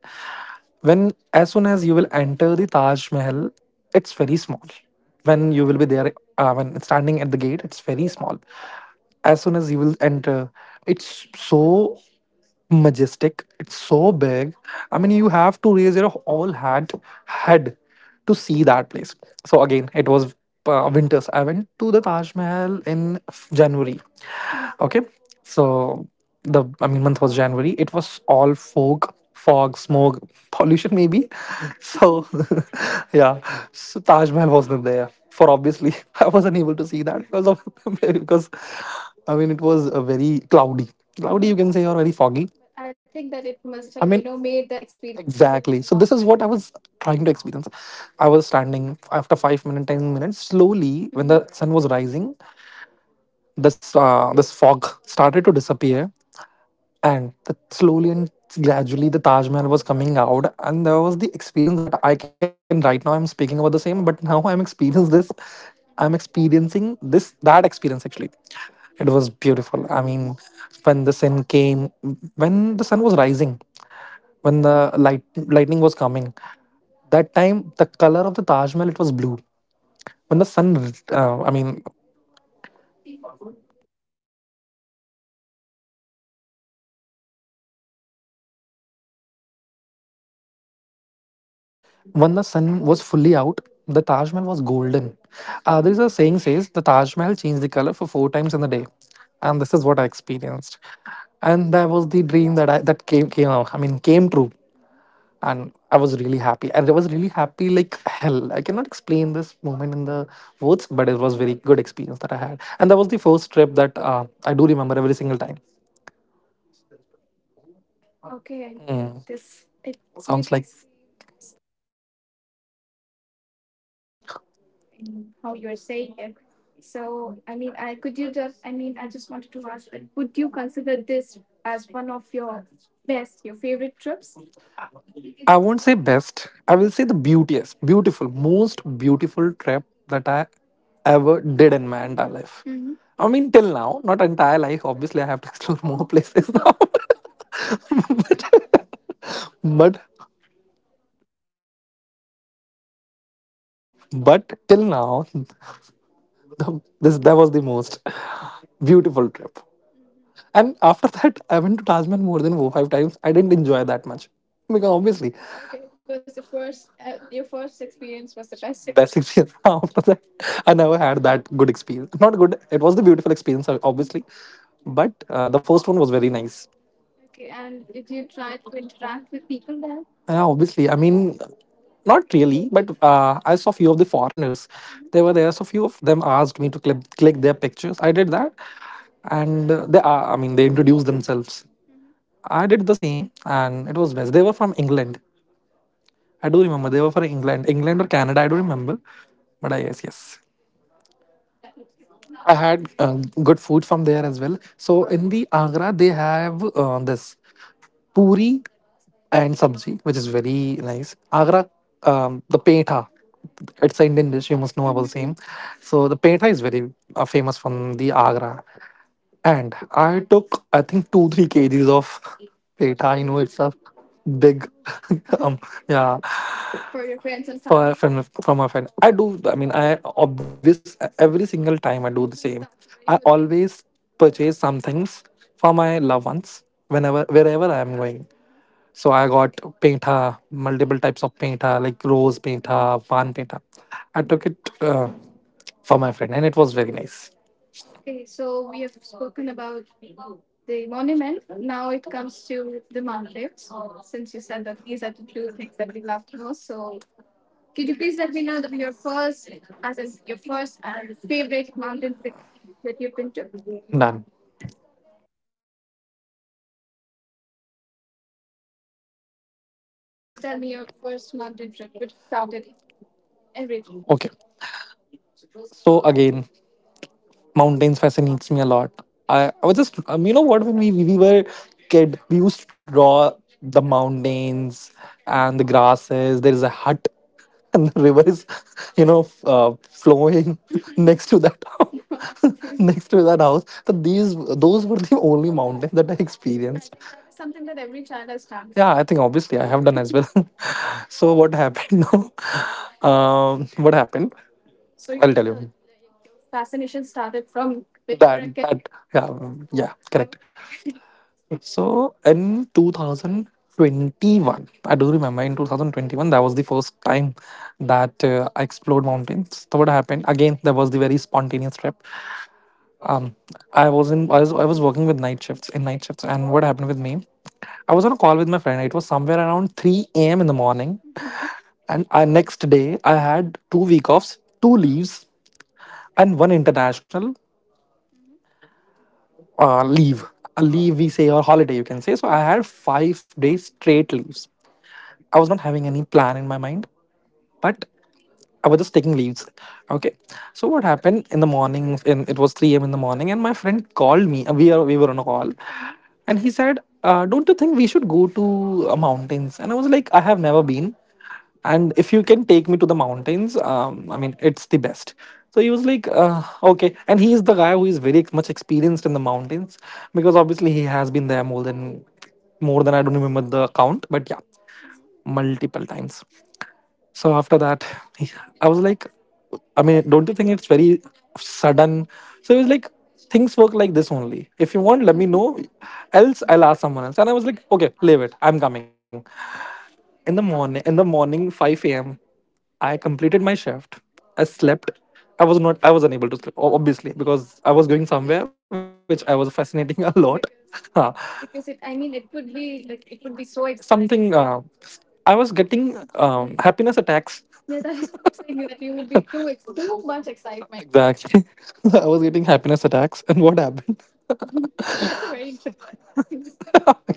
[SPEAKER 2] when, as soon as you will enter the Taj Mahal, it's very small. When you will be there, when standing at the gate, it's very small. As soon as you will enter, it's so majestic. It's so big. I mean, you have to raise your all hat head to see that place. So again, it was winters. I went to the Taj Mahal in January. Okay, so the, I mean, month was January. It was all smoke, *laughs* pollution maybe. So *laughs* yeah, so Taj Mahal wasn't there. For obviously, *laughs* I was unable to see
[SPEAKER 1] able
[SPEAKER 2] that
[SPEAKER 1] to see
[SPEAKER 2] because of *laughs* because,
[SPEAKER 1] that *laughs* because
[SPEAKER 2] I mean, it
[SPEAKER 1] I mean
[SPEAKER 2] was
[SPEAKER 1] it
[SPEAKER 2] a
[SPEAKER 1] was a
[SPEAKER 2] very
[SPEAKER 1] very
[SPEAKER 2] cloudy,
[SPEAKER 1] cloudy.
[SPEAKER 2] cloudy you
[SPEAKER 1] Or,
[SPEAKER 2] can
[SPEAKER 1] mhm,
[SPEAKER 2] say,
[SPEAKER 1] you
[SPEAKER 2] or
[SPEAKER 1] can
[SPEAKER 2] very
[SPEAKER 1] say you're very
[SPEAKER 2] foggy.
[SPEAKER 1] foggy. But I think that it
[SPEAKER 2] I
[SPEAKER 1] must have, I mean,
[SPEAKER 2] mean,
[SPEAKER 1] made the experience a, exactly,
[SPEAKER 2] exactly. So
[SPEAKER 1] whole a,
[SPEAKER 2] this
[SPEAKER 1] so, lot
[SPEAKER 2] is
[SPEAKER 1] this is
[SPEAKER 2] what I
[SPEAKER 1] better
[SPEAKER 2] was
[SPEAKER 1] what I better was
[SPEAKER 2] trying to
[SPEAKER 1] trying to
[SPEAKER 2] experience. I
[SPEAKER 1] explain.
[SPEAKER 2] was
[SPEAKER 1] I was
[SPEAKER 2] standing.
[SPEAKER 1] standing
[SPEAKER 2] After
[SPEAKER 1] after
[SPEAKER 2] 5 minutes,
[SPEAKER 1] 5 minutes,
[SPEAKER 2] ten
[SPEAKER 1] ten
[SPEAKER 2] minutes,
[SPEAKER 1] minutes,
[SPEAKER 2] slowly
[SPEAKER 1] slowly.
[SPEAKER 2] when the
[SPEAKER 1] Mhm.
[SPEAKER 2] sun
[SPEAKER 1] The
[SPEAKER 2] was
[SPEAKER 1] sun was
[SPEAKER 2] rising, this fog started to disappear, and slowly and gradually the
[SPEAKER 1] gradually
[SPEAKER 2] taj
[SPEAKER 1] the
[SPEAKER 2] mahal
[SPEAKER 1] Taj
[SPEAKER 2] was
[SPEAKER 1] Mahal was
[SPEAKER 2] coming
[SPEAKER 1] coming
[SPEAKER 2] out,
[SPEAKER 1] out,
[SPEAKER 2] and there
[SPEAKER 1] and
[SPEAKER 2] was
[SPEAKER 1] there
[SPEAKER 2] the
[SPEAKER 1] was the
[SPEAKER 2] experience that
[SPEAKER 1] experience that
[SPEAKER 2] I
[SPEAKER 1] I
[SPEAKER 2] can
[SPEAKER 1] can
[SPEAKER 2] right
[SPEAKER 1] right
[SPEAKER 2] now
[SPEAKER 1] now.
[SPEAKER 2] I'm
[SPEAKER 1] I'm
[SPEAKER 2] speaking
[SPEAKER 1] speaking about
[SPEAKER 2] about
[SPEAKER 1] the
[SPEAKER 2] the
[SPEAKER 1] same,
[SPEAKER 2] same,
[SPEAKER 1] but
[SPEAKER 2] but
[SPEAKER 1] now
[SPEAKER 2] now
[SPEAKER 1] I'm
[SPEAKER 2] I'm
[SPEAKER 1] experiencing
[SPEAKER 2] experiencing
[SPEAKER 1] this.
[SPEAKER 2] this
[SPEAKER 1] Mm-hmm. I'm
[SPEAKER 2] I'm
[SPEAKER 1] experiencing
[SPEAKER 2] Experiencing
[SPEAKER 1] this
[SPEAKER 2] this,
[SPEAKER 1] that
[SPEAKER 2] that
[SPEAKER 1] experience.
[SPEAKER 2] experience. Actually,
[SPEAKER 1] Actually. It
[SPEAKER 2] it
[SPEAKER 1] was
[SPEAKER 2] was
[SPEAKER 1] beautiful.
[SPEAKER 2] beautiful.
[SPEAKER 1] I mean, when the
[SPEAKER 2] When the
[SPEAKER 1] sun
[SPEAKER 2] sun
[SPEAKER 1] came,
[SPEAKER 2] came,
[SPEAKER 1] when
[SPEAKER 2] when
[SPEAKER 1] the sun
[SPEAKER 2] the sun
[SPEAKER 1] was
[SPEAKER 2] was
[SPEAKER 1] rising,
[SPEAKER 2] rising,
[SPEAKER 1] when
[SPEAKER 2] when
[SPEAKER 1] the
[SPEAKER 2] the
[SPEAKER 1] light
[SPEAKER 2] light
[SPEAKER 1] lightning
[SPEAKER 2] lightning
[SPEAKER 1] was
[SPEAKER 2] was
[SPEAKER 1] coming,
[SPEAKER 2] coming,
[SPEAKER 1] mm-hmm, that
[SPEAKER 2] that
[SPEAKER 1] time
[SPEAKER 2] time
[SPEAKER 1] the
[SPEAKER 2] the
[SPEAKER 1] color of
[SPEAKER 2] color
[SPEAKER 1] the
[SPEAKER 2] of the
[SPEAKER 1] Taj
[SPEAKER 2] taj
[SPEAKER 1] Mahal
[SPEAKER 2] mahal,
[SPEAKER 1] was
[SPEAKER 2] it was
[SPEAKER 1] blue.
[SPEAKER 2] blue.
[SPEAKER 1] When the
[SPEAKER 2] when the
[SPEAKER 1] sun,
[SPEAKER 2] sun uh, i
[SPEAKER 1] like,
[SPEAKER 2] mean
[SPEAKER 1] it
[SPEAKER 2] when the sun was
[SPEAKER 1] fully
[SPEAKER 2] fully
[SPEAKER 1] out,
[SPEAKER 2] out,
[SPEAKER 1] the
[SPEAKER 2] the Taj
[SPEAKER 1] Taj
[SPEAKER 2] Mahal
[SPEAKER 1] Mahal was
[SPEAKER 2] was
[SPEAKER 1] golden.
[SPEAKER 2] golden. There
[SPEAKER 1] Mm-hmm.
[SPEAKER 2] is a
[SPEAKER 1] There's a saying
[SPEAKER 2] saying
[SPEAKER 1] says
[SPEAKER 2] says the
[SPEAKER 1] the
[SPEAKER 2] Taj
[SPEAKER 1] Taj
[SPEAKER 2] Mahal
[SPEAKER 1] Mahal
[SPEAKER 2] changed
[SPEAKER 1] changed
[SPEAKER 2] the
[SPEAKER 1] the
[SPEAKER 2] color
[SPEAKER 1] color for
[SPEAKER 2] for four
[SPEAKER 1] four
[SPEAKER 2] times
[SPEAKER 1] times
[SPEAKER 2] in
[SPEAKER 1] in
[SPEAKER 2] a
[SPEAKER 1] a day,
[SPEAKER 2] day, and
[SPEAKER 1] and
[SPEAKER 2] this
[SPEAKER 1] this
[SPEAKER 2] is
[SPEAKER 1] is
[SPEAKER 2] what
[SPEAKER 1] what
[SPEAKER 2] I
[SPEAKER 1] I
[SPEAKER 2] experienced.
[SPEAKER 1] experienced.
[SPEAKER 2] And
[SPEAKER 1] And
[SPEAKER 2] that
[SPEAKER 1] that
[SPEAKER 2] was
[SPEAKER 1] was
[SPEAKER 2] the
[SPEAKER 1] the
[SPEAKER 2] dream
[SPEAKER 1] dream
[SPEAKER 2] that
[SPEAKER 1] that
[SPEAKER 2] I
[SPEAKER 1] I
[SPEAKER 2] that
[SPEAKER 1] that
[SPEAKER 2] came
[SPEAKER 1] came,
[SPEAKER 2] came
[SPEAKER 1] came
[SPEAKER 2] out.
[SPEAKER 1] out.
[SPEAKER 2] I
[SPEAKER 1] I
[SPEAKER 2] mean,
[SPEAKER 1] mean,
[SPEAKER 2] came
[SPEAKER 1] came true.
[SPEAKER 2] true,
[SPEAKER 1] Mm-hmm. And
[SPEAKER 2] and I
[SPEAKER 1] I
[SPEAKER 2] was
[SPEAKER 1] was really
[SPEAKER 2] really happy. And I was really happy like hell. I cannot explain this moment in the words, but it was very good experience that I had. And that was the first trip that I do remember every single time.
[SPEAKER 1] okay,
[SPEAKER 2] Okay. I
[SPEAKER 1] I mean,
[SPEAKER 2] Mm. this
[SPEAKER 1] this
[SPEAKER 2] it
[SPEAKER 1] it
[SPEAKER 2] sounds like—
[SPEAKER 1] really seems that it was a beautiful experience how you, I mean, how you are saying it. So, I mean, I could you that I mean, I just wanted to ask that would you consider this as one of your best, your favorite trips?
[SPEAKER 2] I won't say best.
[SPEAKER 1] Mm-hmm.
[SPEAKER 2] I
[SPEAKER 1] I
[SPEAKER 2] will
[SPEAKER 1] would
[SPEAKER 2] say
[SPEAKER 1] say
[SPEAKER 2] the
[SPEAKER 1] the beauty,
[SPEAKER 2] beauteous, beautiful,
[SPEAKER 1] most
[SPEAKER 2] most
[SPEAKER 1] beautiful
[SPEAKER 2] beautiful
[SPEAKER 1] thing
[SPEAKER 2] trip that
[SPEAKER 1] I
[SPEAKER 2] I ever
[SPEAKER 1] ever did
[SPEAKER 2] did in
[SPEAKER 1] in
[SPEAKER 2] my
[SPEAKER 1] my
[SPEAKER 2] entire
[SPEAKER 1] entire
[SPEAKER 2] life.
[SPEAKER 1] life.
[SPEAKER 2] Mhm.
[SPEAKER 1] Mm. I
[SPEAKER 2] I mean,
[SPEAKER 1] mean,
[SPEAKER 2] till
[SPEAKER 1] till
[SPEAKER 2] now,
[SPEAKER 1] now.
[SPEAKER 2] not
[SPEAKER 1] My
[SPEAKER 2] entire
[SPEAKER 1] life,
[SPEAKER 2] life. Obviously,
[SPEAKER 1] obviously,
[SPEAKER 2] I
[SPEAKER 1] I
[SPEAKER 2] have
[SPEAKER 1] have
[SPEAKER 2] to
[SPEAKER 1] to
[SPEAKER 2] *laughs* explore more
[SPEAKER 1] explain it. *laughs*
[SPEAKER 2] places now.
[SPEAKER 1] Of
[SPEAKER 2] *laughs*
[SPEAKER 1] course. No, of course. *laughs* but
[SPEAKER 2] but
[SPEAKER 1] that's okay. But
[SPEAKER 2] but
[SPEAKER 1] it's
[SPEAKER 2] till now, *laughs* the, this that was the most beautiful
[SPEAKER 1] beautiful.
[SPEAKER 2] trip. And
[SPEAKER 1] And
[SPEAKER 2] after
[SPEAKER 1] after
[SPEAKER 2] *laughs* that,
[SPEAKER 1] that,
[SPEAKER 2] I
[SPEAKER 1] I
[SPEAKER 2] went
[SPEAKER 1] went
[SPEAKER 2] to
[SPEAKER 1] to
[SPEAKER 2] Taj
[SPEAKER 1] Taj
[SPEAKER 2] Mahal
[SPEAKER 1] Mahal
[SPEAKER 2] more
[SPEAKER 1] more
[SPEAKER 2] than
[SPEAKER 1] than
[SPEAKER 2] four
[SPEAKER 1] four
[SPEAKER 2] five
[SPEAKER 1] five
[SPEAKER 2] times.
[SPEAKER 1] times.
[SPEAKER 2] I
[SPEAKER 1] I
[SPEAKER 2] didn't
[SPEAKER 1] didn't
[SPEAKER 2] enjoy
[SPEAKER 1] enjoy
[SPEAKER 2] that
[SPEAKER 1] that
[SPEAKER 2] much
[SPEAKER 1] much. I mean,
[SPEAKER 2] because
[SPEAKER 1] okay.
[SPEAKER 2] obviously—
[SPEAKER 1] Obviously. Okay, it was the
[SPEAKER 2] okay,
[SPEAKER 1] first. Your first experience was
[SPEAKER 2] best
[SPEAKER 1] the
[SPEAKER 2] experience
[SPEAKER 1] best
[SPEAKER 2] experience.
[SPEAKER 1] experience. *laughs*
[SPEAKER 2] *laughs* After that,
[SPEAKER 1] I
[SPEAKER 2] I
[SPEAKER 1] never
[SPEAKER 2] never
[SPEAKER 1] had
[SPEAKER 2] had
[SPEAKER 1] that
[SPEAKER 2] that
[SPEAKER 1] good
[SPEAKER 2] good
[SPEAKER 1] experience.
[SPEAKER 2] experience.
[SPEAKER 1] Not
[SPEAKER 2] Not
[SPEAKER 1] good.
[SPEAKER 2] good,
[SPEAKER 1] It
[SPEAKER 2] it
[SPEAKER 1] was
[SPEAKER 2] was
[SPEAKER 1] a
[SPEAKER 2] the
[SPEAKER 1] beautiful
[SPEAKER 2] beautiful
[SPEAKER 1] experience.
[SPEAKER 2] experience,
[SPEAKER 1] I
[SPEAKER 2] ob-
[SPEAKER 1] obviously.
[SPEAKER 2] obviously, but
[SPEAKER 1] But the
[SPEAKER 2] the
[SPEAKER 1] first
[SPEAKER 2] first
[SPEAKER 1] one
[SPEAKER 2] one
[SPEAKER 1] was
[SPEAKER 2] was
[SPEAKER 1] very
[SPEAKER 2] very
[SPEAKER 1] nice.
[SPEAKER 2] nice.
[SPEAKER 1] Okay, and did you try to interact with people there?
[SPEAKER 2] And
[SPEAKER 1] No, obviously,
[SPEAKER 2] obviously,
[SPEAKER 1] I
[SPEAKER 2] I
[SPEAKER 1] mean,
[SPEAKER 2] mean, not
[SPEAKER 1] not really,
[SPEAKER 2] really, but
[SPEAKER 1] but I
[SPEAKER 2] I saw
[SPEAKER 1] saw a few
[SPEAKER 2] few
[SPEAKER 1] of
[SPEAKER 2] of
[SPEAKER 1] the
[SPEAKER 2] the
[SPEAKER 1] foreigners.
[SPEAKER 2] foreigners.
[SPEAKER 1] Mm-hmm.
[SPEAKER 2] They
[SPEAKER 1] They were
[SPEAKER 2] were
[SPEAKER 1] there,
[SPEAKER 2] there,
[SPEAKER 1] so
[SPEAKER 2] so
[SPEAKER 1] a
[SPEAKER 2] few
[SPEAKER 1] few
[SPEAKER 2] of
[SPEAKER 1] of
[SPEAKER 2] them
[SPEAKER 1] them
[SPEAKER 2] asked
[SPEAKER 1] asked
[SPEAKER 2] me
[SPEAKER 1] me
[SPEAKER 2] to
[SPEAKER 1] to
[SPEAKER 2] click,
[SPEAKER 1] click,
[SPEAKER 2] click
[SPEAKER 1] click
[SPEAKER 2] their
[SPEAKER 1] their
[SPEAKER 2] pictures.
[SPEAKER 1] pictures.
[SPEAKER 2] I
[SPEAKER 1] I
[SPEAKER 2] did
[SPEAKER 1] did
[SPEAKER 2] that,
[SPEAKER 1] that.
[SPEAKER 2] and
[SPEAKER 1] And,
[SPEAKER 2] uh, they, uh, I
[SPEAKER 1] I
[SPEAKER 2] mean,
[SPEAKER 1] mean,
[SPEAKER 2] they
[SPEAKER 1] they
[SPEAKER 2] introduced
[SPEAKER 1] introduced
[SPEAKER 2] themselves.
[SPEAKER 1] themselves.
[SPEAKER 2] I did the same, and it was best. They were from England. I do remember they were from England, England or Canada. I don't remember, but yes. I had good food from there as well. So in the Agra, they have this puri and sabji, which is very nice. Agra, the petha, it's
[SPEAKER 1] It's
[SPEAKER 2] an
[SPEAKER 1] the
[SPEAKER 2] Indian
[SPEAKER 1] Indian
[SPEAKER 2] dish. You
[SPEAKER 1] regime
[SPEAKER 2] must
[SPEAKER 1] of,
[SPEAKER 2] know about same.
[SPEAKER 1] mhm,
[SPEAKER 2] So
[SPEAKER 1] so
[SPEAKER 2] the
[SPEAKER 1] the
[SPEAKER 2] petha
[SPEAKER 1] picture
[SPEAKER 2] is very famous from the Agra, and
[SPEAKER 1] and
[SPEAKER 2] I think 2 3 kgs of
[SPEAKER 1] full of
[SPEAKER 2] petha. I know it's a
[SPEAKER 1] *laughs* big,
[SPEAKER 2] big,
[SPEAKER 1] oh,
[SPEAKER 2] *laughs* um,
[SPEAKER 1] okay. *laughs*
[SPEAKER 2] yeah.
[SPEAKER 1] Yeah.
[SPEAKER 2] For
[SPEAKER 1] For your friends and
[SPEAKER 2] family, a
[SPEAKER 1] family?
[SPEAKER 2] friend for my friend. I do I mean I
[SPEAKER 1] Of
[SPEAKER 2] obvious
[SPEAKER 1] this
[SPEAKER 2] Every
[SPEAKER 1] every
[SPEAKER 2] single
[SPEAKER 1] single time
[SPEAKER 2] time I
[SPEAKER 1] I do *laughs*
[SPEAKER 2] do
[SPEAKER 1] this.
[SPEAKER 2] the
[SPEAKER 1] No,
[SPEAKER 2] same.
[SPEAKER 1] that's a very
[SPEAKER 2] I
[SPEAKER 1] I good thing. Always
[SPEAKER 2] always purchase
[SPEAKER 1] purchase
[SPEAKER 2] some
[SPEAKER 1] something
[SPEAKER 2] things
[SPEAKER 1] for
[SPEAKER 2] for my
[SPEAKER 1] my
[SPEAKER 2] loved ones
[SPEAKER 1] whenever
[SPEAKER 2] whenever wherever
[SPEAKER 1] wherever
[SPEAKER 2] I
[SPEAKER 1] I'm
[SPEAKER 2] am
[SPEAKER 1] at.
[SPEAKER 2] going.
[SPEAKER 1] Hmm. So
[SPEAKER 2] So
[SPEAKER 1] I
[SPEAKER 2] I
[SPEAKER 1] got
[SPEAKER 2] got
[SPEAKER 1] pink
[SPEAKER 2] painta,
[SPEAKER 1] tub,
[SPEAKER 2] multiple types of painta, like
[SPEAKER 1] like
[SPEAKER 2] rose
[SPEAKER 1] rose pink,
[SPEAKER 2] painta,
[SPEAKER 1] mhm, tub
[SPEAKER 2] pan painta. I took it
[SPEAKER 1] for
[SPEAKER 2] for
[SPEAKER 1] my.
[SPEAKER 2] my friend and it was very nice.
[SPEAKER 1] Okay, so we have spoken about the monument. Now it comes to the mountains. Since you said that these are the two things that you loved most, so could you please let me know the, your first, as in your first or favorite mountain trips that you've been to?
[SPEAKER 2] Done.
[SPEAKER 1] Or you can just tell me your first mountain trip, which started everything.
[SPEAKER 2] Okay, so again, mountains fascinates me a lot. I was just you know what, when we were kid, we used to draw the mountains and the grasses. There is a hut *laughs* and the river is *laughs* you know
[SPEAKER 1] uh, Floyd
[SPEAKER 2] flowing
[SPEAKER 1] *laughs*
[SPEAKER 2] *laughs*
[SPEAKER 1] next
[SPEAKER 2] next
[SPEAKER 1] to
[SPEAKER 2] to
[SPEAKER 1] that.
[SPEAKER 2] that
[SPEAKER 1] *laughs*
[SPEAKER 2] house.
[SPEAKER 1] No,
[SPEAKER 2] *laughs*
[SPEAKER 1] absolutely.
[SPEAKER 2] Next to that house. So
[SPEAKER 1] *laughs* These,
[SPEAKER 2] these
[SPEAKER 1] those
[SPEAKER 2] those
[SPEAKER 1] were
[SPEAKER 2] were the
[SPEAKER 1] the only
[SPEAKER 2] only
[SPEAKER 1] mountain
[SPEAKER 2] mountains
[SPEAKER 1] that
[SPEAKER 2] that
[SPEAKER 1] I
[SPEAKER 2] I
[SPEAKER 1] experienced. I
[SPEAKER 2] experienced.
[SPEAKER 1] think that is something that every child has done. Yeah,
[SPEAKER 2] Yeah,
[SPEAKER 1] I
[SPEAKER 2] I
[SPEAKER 1] think
[SPEAKER 2] think
[SPEAKER 1] obviously
[SPEAKER 2] obviously I
[SPEAKER 1] I
[SPEAKER 2] have done
[SPEAKER 1] have
[SPEAKER 2] as
[SPEAKER 1] done
[SPEAKER 2] well.
[SPEAKER 1] this. *laughs*
[SPEAKER 2] *laughs*
[SPEAKER 1] So
[SPEAKER 2] So
[SPEAKER 1] what
[SPEAKER 2] what
[SPEAKER 1] happened?
[SPEAKER 2] happened
[SPEAKER 1] *laughs*
[SPEAKER 2] now? *laughs*
[SPEAKER 1] um,
[SPEAKER 2] What
[SPEAKER 1] what happened?
[SPEAKER 2] happened? I will
[SPEAKER 1] So
[SPEAKER 2] tell
[SPEAKER 1] start,
[SPEAKER 2] you
[SPEAKER 1] like, your fascination started from when you
[SPEAKER 2] that—
[SPEAKER 1] were a kid?
[SPEAKER 2] yeah,
[SPEAKER 1] Oh,
[SPEAKER 2] correct.
[SPEAKER 1] okay.
[SPEAKER 2] So in 2021, I do remember, in 2021 that was the first time that I explored mountains. So what happened, again there was the very spontaneous trip. um I was working with night shifts, in night shifts, and what happened with me, I was on a call with my friend. It was somewhere around 3 a.m. in the morning. And I, next day, I had two-week offs, two leaves, and one
[SPEAKER 1] *laughs* National.
[SPEAKER 2] international
[SPEAKER 1] Mm-hmm. Leave.
[SPEAKER 2] leave. A leave,
[SPEAKER 1] Leave
[SPEAKER 2] we say, or holiday, you can
[SPEAKER 1] these
[SPEAKER 2] say.
[SPEAKER 1] days.
[SPEAKER 2] So I
[SPEAKER 1] Mm-hmm. I had
[SPEAKER 2] had five
[SPEAKER 1] very
[SPEAKER 2] days
[SPEAKER 1] straight
[SPEAKER 2] straight
[SPEAKER 1] leaves.
[SPEAKER 2] leaves.
[SPEAKER 1] I
[SPEAKER 2] I was
[SPEAKER 1] was-
[SPEAKER 2] not having any plan in my mind,
[SPEAKER 1] What?
[SPEAKER 2] but
[SPEAKER 1] I
[SPEAKER 2] I was
[SPEAKER 1] was
[SPEAKER 2] just
[SPEAKER 1] just
[SPEAKER 2] taking
[SPEAKER 1] taking
[SPEAKER 2] leaves.
[SPEAKER 1] leaves. Okay.
[SPEAKER 2] Okay. So
[SPEAKER 1] So what
[SPEAKER 2] what
[SPEAKER 1] happened
[SPEAKER 2] happened
[SPEAKER 1] in
[SPEAKER 2] in the morning? In,
[SPEAKER 1] the
[SPEAKER 2] it was
[SPEAKER 1] first 3
[SPEAKER 2] 3 a.m. in
[SPEAKER 1] in
[SPEAKER 2] the
[SPEAKER 1] the
[SPEAKER 2] morning,
[SPEAKER 1] morning,
[SPEAKER 2] and
[SPEAKER 1] and my
[SPEAKER 2] my friend
[SPEAKER 1] friend
[SPEAKER 2] called
[SPEAKER 1] called me.
[SPEAKER 2] me. We
[SPEAKER 1] We,
[SPEAKER 2] are we
[SPEAKER 1] we
[SPEAKER 2] were
[SPEAKER 1] were
[SPEAKER 2] on
[SPEAKER 1] on
[SPEAKER 2] a
[SPEAKER 1] a call.
[SPEAKER 2] call,
[SPEAKER 1] Mm-hmm.
[SPEAKER 2] and
[SPEAKER 1] And
[SPEAKER 2] he
[SPEAKER 1] he
[SPEAKER 2] said,
[SPEAKER 1] said,
[SPEAKER 2] "Don't
[SPEAKER 1] "Do
[SPEAKER 2] you
[SPEAKER 1] you
[SPEAKER 2] think
[SPEAKER 1] think
[SPEAKER 2] we
[SPEAKER 1] we
[SPEAKER 2] should
[SPEAKER 1] should?"
[SPEAKER 2] go to
[SPEAKER 1] And
[SPEAKER 2] mountains?" And
[SPEAKER 1] I
[SPEAKER 2] I was
[SPEAKER 1] was
[SPEAKER 2] like, "I
[SPEAKER 1] like,
[SPEAKER 2] have never been, and if you can take me to the mountains, I mean, it's the best." So he was like, "Okay," and he is the guy who is very much experienced in the mountains because obviously he has been there more than— I don't remember the count, but yeah,
[SPEAKER 1] Mm-hmm.
[SPEAKER 2] multiple times. So after that, I was like, I mean, don't you think it's very sudden?
[SPEAKER 1] So
[SPEAKER 2] So he
[SPEAKER 1] he
[SPEAKER 2] was
[SPEAKER 1] was
[SPEAKER 2] like, things
[SPEAKER 1] like,
[SPEAKER 2] work like this only. If you want, let
[SPEAKER 1] let
[SPEAKER 2] me
[SPEAKER 1] me know.
[SPEAKER 2] know. Else,
[SPEAKER 1] Else, I
[SPEAKER 2] I'll ask someone else. And I was
[SPEAKER 1] was
[SPEAKER 2] like,
[SPEAKER 1] like,
[SPEAKER 2] okay,
[SPEAKER 1] okay,
[SPEAKER 2] leave
[SPEAKER 1] leave
[SPEAKER 2] it,
[SPEAKER 1] it.
[SPEAKER 2] I'm
[SPEAKER 1] I'm coming.
[SPEAKER 2] coming.
[SPEAKER 1] Mm-hmm.
[SPEAKER 2] In
[SPEAKER 1] In
[SPEAKER 2] the
[SPEAKER 1] the morning,
[SPEAKER 2] morning, 5 a.m. I completed my shift. I slept. I was not. I was unable to sleep, obviously, because I was going somewhere which I was fascinating a lot. *laughs*
[SPEAKER 1] because
[SPEAKER 2] Huh. Because
[SPEAKER 1] because
[SPEAKER 2] it,
[SPEAKER 1] it i
[SPEAKER 2] I mean,
[SPEAKER 1] mean
[SPEAKER 2] it
[SPEAKER 1] it
[SPEAKER 2] would
[SPEAKER 1] would
[SPEAKER 2] be
[SPEAKER 1] be
[SPEAKER 2] like
[SPEAKER 1] like
[SPEAKER 2] it
[SPEAKER 1] it
[SPEAKER 2] would
[SPEAKER 1] would
[SPEAKER 2] be
[SPEAKER 1] be
[SPEAKER 2] so
[SPEAKER 1] so
[SPEAKER 2] exciting.
[SPEAKER 1] exciting
[SPEAKER 2] Something.
[SPEAKER 1] to
[SPEAKER 2] I
[SPEAKER 1] I
[SPEAKER 2] was
[SPEAKER 1] was getting
[SPEAKER 2] getting
[SPEAKER 1] uh,
[SPEAKER 2] happiness
[SPEAKER 1] happiness
[SPEAKER 2] attacks.
[SPEAKER 1] attacks.
[SPEAKER 2] *laughs* Yeah,
[SPEAKER 1] Yeah, *laughs*
[SPEAKER 2] that
[SPEAKER 1] that is
[SPEAKER 2] is what
[SPEAKER 1] what
[SPEAKER 2] I'm
[SPEAKER 1] I'm saying,
[SPEAKER 2] saying, that
[SPEAKER 1] that
[SPEAKER 2] you
[SPEAKER 1] you
[SPEAKER 2] would
[SPEAKER 1] would
[SPEAKER 2] be
[SPEAKER 1] be
[SPEAKER 2] too, *laughs* too
[SPEAKER 1] too
[SPEAKER 2] much
[SPEAKER 1] much
[SPEAKER 2] excitement.
[SPEAKER 1] excitement.
[SPEAKER 2] Exactly. *laughs*
[SPEAKER 1] So
[SPEAKER 2] I
[SPEAKER 1] I
[SPEAKER 2] was
[SPEAKER 1] was
[SPEAKER 2] getting
[SPEAKER 1] getting
[SPEAKER 2] happiness
[SPEAKER 1] happiness
[SPEAKER 2] attacks,
[SPEAKER 1] attacks.
[SPEAKER 2] and
[SPEAKER 1] And
[SPEAKER 2] what
[SPEAKER 1] what
[SPEAKER 2] happened?
[SPEAKER 1] happened? *laughs* That's a very good word, happiness attack.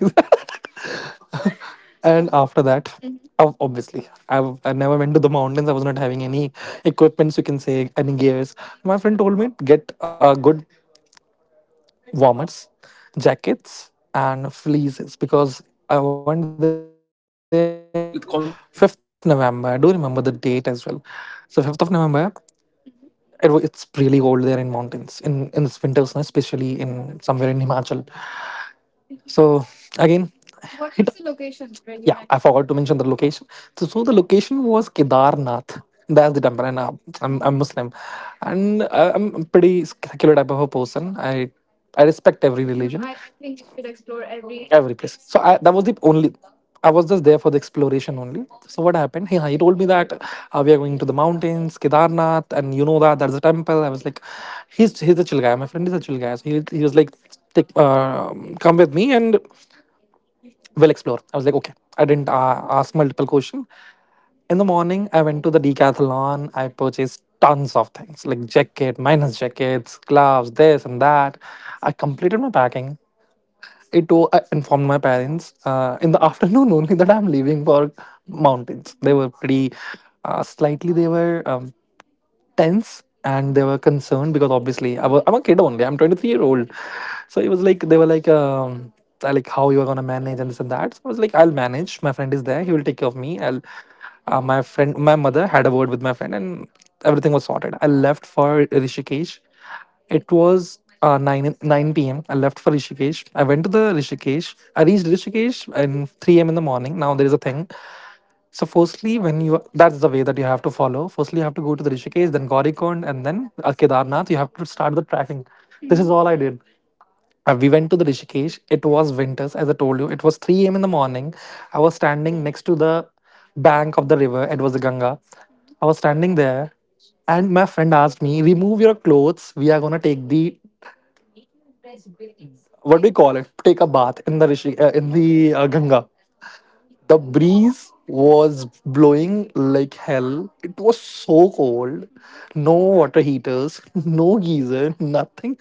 [SPEAKER 2] And after that, Mhm.
[SPEAKER 1] And
[SPEAKER 2] I never went to the mountains. I was not having any equipments, you can say, any gears. My friend told me to get good warmers, jackets, and fleeces because I went there in 5th of November. I do remember the date as well. So 5th of November, it's really cold there in mountains, in this winters, especially in somewhere
[SPEAKER 1] okay.
[SPEAKER 2] in Himachal.
[SPEAKER 1] Hmm.
[SPEAKER 2] So
[SPEAKER 1] So
[SPEAKER 2] again,
[SPEAKER 1] again, what was
[SPEAKER 2] it—
[SPEAKER 1] the
[SPEAKER 2] yeah,
[SPEAKER 1] location where you, yeah,
[SPEAKER 2] met?
[SPEAKER 1] went I to
[SPEAKER 2] I
[SPEAKER 1] forgot
[SPEAKER 2] forgot
[SPEAKER 1] to
[SPEAKER 2] to
[SPEAKER 1] mention
[SPEAKER 2] mention
[SPEAKER 1] the
[SPEAKER 2] the
[SPEAKER 1] location.
[SPEAKER 2] location.
[SPEAKER 1] So,
[SPEAKER 2] So,
[SPEAKER 1] so
[SPEAKER 2] so
[SPEAKER 1] the
[SPEAKER 2] the
[SPEAKER 1] location
[SPEAKER 2] location
[SPEAKER 1] was
[SPEAKER 2] was
[SPEAKER 1] Kedarnath.
[SPEAKER 2] Kedarnath.
[SPEAKER 1] That's the
[SPEAKER 2] That's
[SPEAKER 1] country. I'm,
[SPEAKER 2] the temple, and
[SPEAKER 1] okay.
[SPEAKER 2] uh,
[SPEAKER 1] I'm,
[SPEAKER 2] I'm
[SPEAKER 1] hmm,
[SPEAKER 2] I'm
[SPEAKER 1] looking.
[SPEAKER 2] Muslim, and
[SPEAKER 1] I'm a
[SPEAKER 2] I'm a
[SPEAKER 1] pretty
[SPEAKER 2] pretty
[SPEAKER 1] skilled
[SPEAKER 2] secular
[SPEAKER 1] type
[SPEAKER 2] type
[SPEAKER 1] of
[SPEAKER 2] of
[SPEAKER 1] a
[SPEAKER 2] a
[SPEAKER 1] person.
[SPEAKER 2] person.
[SPEAKER 1] I,
[SPEAKER 2] I—
[SPEAKER 1] I
[SPEAKER 2] I
[SPEAKER 1] respect
[SPEAKER 2] respect every— No,
[SPEAKER 1] everything. No,
[SPEAKER 2] religion,
[SPEAKER 1] I think you should explore every, yeah,
[SPEAKER 2] every place.
[SPEAKER 1] place.
[SPEAKER 2] So I, that was the only.
[SPEAKER 1] I
[SPEAKER 2] I was
[SPEAKER 1] was just
[SPEAKER 2] just
[SPEAKER 1] there
[SPEAKER 2] there
[SPEAKER 1] for
[SPEAKER 2] for
[SPEAKER 1] the
[SPEAKER 2] the
[SPEAKER 1] exploration
[SPEAKER 2] exploration
[SPEAKER 1] only.
[SPEAKER 2] only.
[SPEAKER 1] So
[SPEAKER 2] So what
[SPEAKER 1] what happened?
[SPEAKER 2] happened? He,
[SPEAKER 1] He,
[SPEAKER 2] he
[SPEAKER 1] he
[SPEAKER 2] told
[SPEAKER 1] told
[SPEAKER 2] me
[SPEAKER 1] me
[SPEAKER 2] that
[SPEAKER 1] that
[SPEAKER 2] we
[SPEAKER 1] we are
[SPEAKER 2] are going
[SPEAKER 1] going to
[SPEAKER 2] to
[SPEAKER 1] the,
[SPEAKER 2] the mountains, Kedarnath, and you know that that is a temple. I was
[SPEAKER 1] like,
[SPEAKER 2] like— he's
[SPEAKER 1] he's
[SPEAKER 2] he's
[SPEAKER 1] the
[SPEAKER 2] a chill
[SPEAKER 1] chill
[SPEAKER 2] guy.
[SPEAKER 1] guy.
[SPEAKER 2] My friend is a chill guy. So he,
[SPEAKER 1] He,
[SPEAKER 2] he
[SPEAKER 1] he
[SPEAKER 2] was
[SPEAKER 1] was like,
[SPEAKER 2] like, take
[SPEAKER 1] like uh,
[SPEAKER 2] come
[SPEAKER 1] come
[SPEAKER 2] with
[SPEAKER 1] with
[SPEAKER 2] me
[SPEAKER 1] me
[SPEAKER 2] and
[SPEAKER 1] and
[SPEAKER 2] we'll
[SPEAKER 1] we'll
[SPEAKER 2] explore.
[SPEAKER 1] explore.
[SPEAKER 2] I
[SPEAKER 1] I
[SPEAKER 2] was
[SPEAKER 1] was
[SPEAKER 2] like,
[SPEAKER 1] like,
[SPEAKER 2] okay.
[SPEAKER 1] okay.
[SPEAKER 2] I
[SPEAKER 1] I
[SPEAKER 2] didn't
[SPEAKER 1] didn't
[SPEAKER 2] ask
[SPEAKER 1] ask
[SPEAKER 2] multiple
[SPEAKER 1] multiple
[SPEAKER 2] questions.
[SPEAKER 1] questions.
[SPEAKER 2] In
[SPEAKER 1] In
[SPEAKER 2] the
[SPEAKER 1] the morning,
[SPEAKER 2] morning,
[SPEAKER 1] I
[SPEAKER 2] I
[SPEAKER 1] went
[SPEAKER 2] went to
[SPEAKER 1] to the
[SPEAKER 2] the decathlon.
[SPEAKER 1] decathlon. I
[SPEAKER 2] I
[SPEAKER 1] purchased
[SPEAKER 2] purchased tons
[SPEAKER 1] tons
[SPEAKER 2] of
[SPEAKER 1] of
[SPEAKER 2] things
[SPEAKER 1] things like
[SPEAKER 2] like jacket,
[SPEAKER 1] jacket, my,
[SPEAKER 2] minus jackets, gloves, this and that. I completed my packing. I informed my parents in the *laughs* afternoon only that I'm leaving for mountains. They were pretty slightly. They were tense and they were concerned because obviously I'm a kid only. I'm 23-year-old. So it was
[SPEAKER 1] like,
[SPEAKER 2] like
[SPEAKER 1] they
[SPEAKER 2] they
[SPEAKER 1] were
[SPEAKER 2] were
[SPEAKER 1] like, I, like,
[SPEAKER 2] like how you are gonna manage and this and that. So I was like I'll manage. My friend is there. He will take care of me. I'll my friend My mother had a word with my friend and everything was sorted. I left for Rishikesh. It was 9 p.m. I left for Rishikesh. I went to the Rishikesh. I reached Rishikesh in 3 a.m. in the morning. Now there is a thing. So firstly, when you— that's the way that you have to follow. Firstly, you have to go to the Rishikesh, then Gaurikond, and then Kedarnath. You have to start
[SPEAKER 1] started the
[SPEAKER 2] the
[SPEAKER 1] tracking.
[SPEAKER 2] tracking.
[SPEAKER 1] Mm-hmm.
[SPEAKER 2] This
[SPEAKER 1] This
[SPEAKER 2] is
[SPEAKER 1] is all
[SPEAKER 2] all
[SPEAKER 1] I
[SPEAKER 2] I
[SPEAKER 1] did.
[SPEAKER 2] did.
[SPEAKER 1] I
[SPEAKER 2] We went
[SPEAKER 1] went
[SPEAKER 2] to
[SPEAKER 1] to
[SPEAKER 2] the
[SPEAKER 1] the
[SPEAKER 2] Rishikesh.
[SPEAKER 1] Rishikesh.
[SPEAKER 2] It was winters, as I told you. It was 3 a.m. in the morning.
[SPEAKER 1] I
[SPEAKER 2] I was
[SPEAKER 1] was standing
[SPEAKER 2] standing
[SPEAKER 1] next
[SPEAKER 2] next
[SPEAKER 1] to
[SPEAKER 2] to the
[SPEAKER 1] the
[SPEAKER 2] bank
[SPEAKER 1] bank
[SPEAKER 2] of
[SPEAKER 1] of
[SPEAKER 2] the
[SPEAKER 1] the
[SPEAKER 2] river.
[SPEAKER 1] river.
[SPEAKER 2] It
[SPEAKER 1] It
[SPEAKER 2] was
[SPEAKER 1] was
[SPEAKER 2] the Ganga.
[SPEAKER 1] Ganga. Mm-hmm.
[SPEAKER 2] I
[SPEAKER 1] I
[SPEAKER 2] was
[SPEAKER 1] was
[SPEAKER 2] standing
[SPEAKER 1] standing there.
[SPEAKER 2] there, and
[SPEAKER 1] And
[SPEAKER 2] my friend
[SPEAKER 1] they asked
[SPEAKER 2] asked me,
[SPEAKER 1] me,
[SPEAKER 2] "Remove
[SPEAKER 1] remove
[SPEAKER 2] your
[SPEAKER 1] your
[SPEAKER 2] clothes.
[SPEAKER 1] clothes.
[SPEAKER 2] We
[SPEAKER 1] We are
[SPEAKER 2] are
[SPEAKER 1] gonna
[SPEAKER 2] gonna take
[SPEAKER 1] take
[SPEAKER 2] the—
[SPEAKER 1] the,
[SPEAKER 2] what do
[SPEAKER 1] take
[SPEAKER 2] we
[SPEAKER 1] a
[SPEAKER 2] call it?
[SPEAKER 1] bath? Take
[SPEAKER 2] Take
[SPEAKER 1] a
[SPEAKER 2] a
[SPEAKER 1] bath
[SPEAKER 2] bath
[SPEAKER 1] in
[SPEAKER 2] in the
[SPEAKER 1] the Rishi,
[SPEAKER 2] Rishi
[SPEAKER 1] in
[SPEAKER 2] in the
[SPEAKER 1] the Ganga.
[SPEAKER 2] Ganga."
[SPEAKER 1] Oh my, the
[SPEAKER 2] The
[SPEAKER 1] god. The breeze
[SPEAKER 2] breeze
[SPEAKER 1] was
[SPEAKER 2] was
[SPEAKER 1] blowing
[SPEAKER 2] blowing
[SPEAKER 1] like
[SPEAKER 2] like
[SPEAKER 1] hell.
[SPEAKER 2] hell. It
[SPEAKER 1] It
[SPEAKER 2] was
[SPEAKER 1] was
[SPEAKER 2] so
[SPEAKER 1] so cold.
[SPEAKER 2] cold.
[SPEAKER 1] Mm-hmm.
[SPEAKER 2] No
[SPEAKER 1] No
[SPEAKER 2] water
[SPEAKER 1] water
[SPEAKER 2] heaters,
[SPEAKER 1] heaters,
[SPEAKER 2] *laughs* no
[SPEAKER 1] no
[SPEAKER 2] geyser,
[SPEAKER 1] geyser,
[SPEAKER 2] nothing.
[SPEAKER 1] nothing.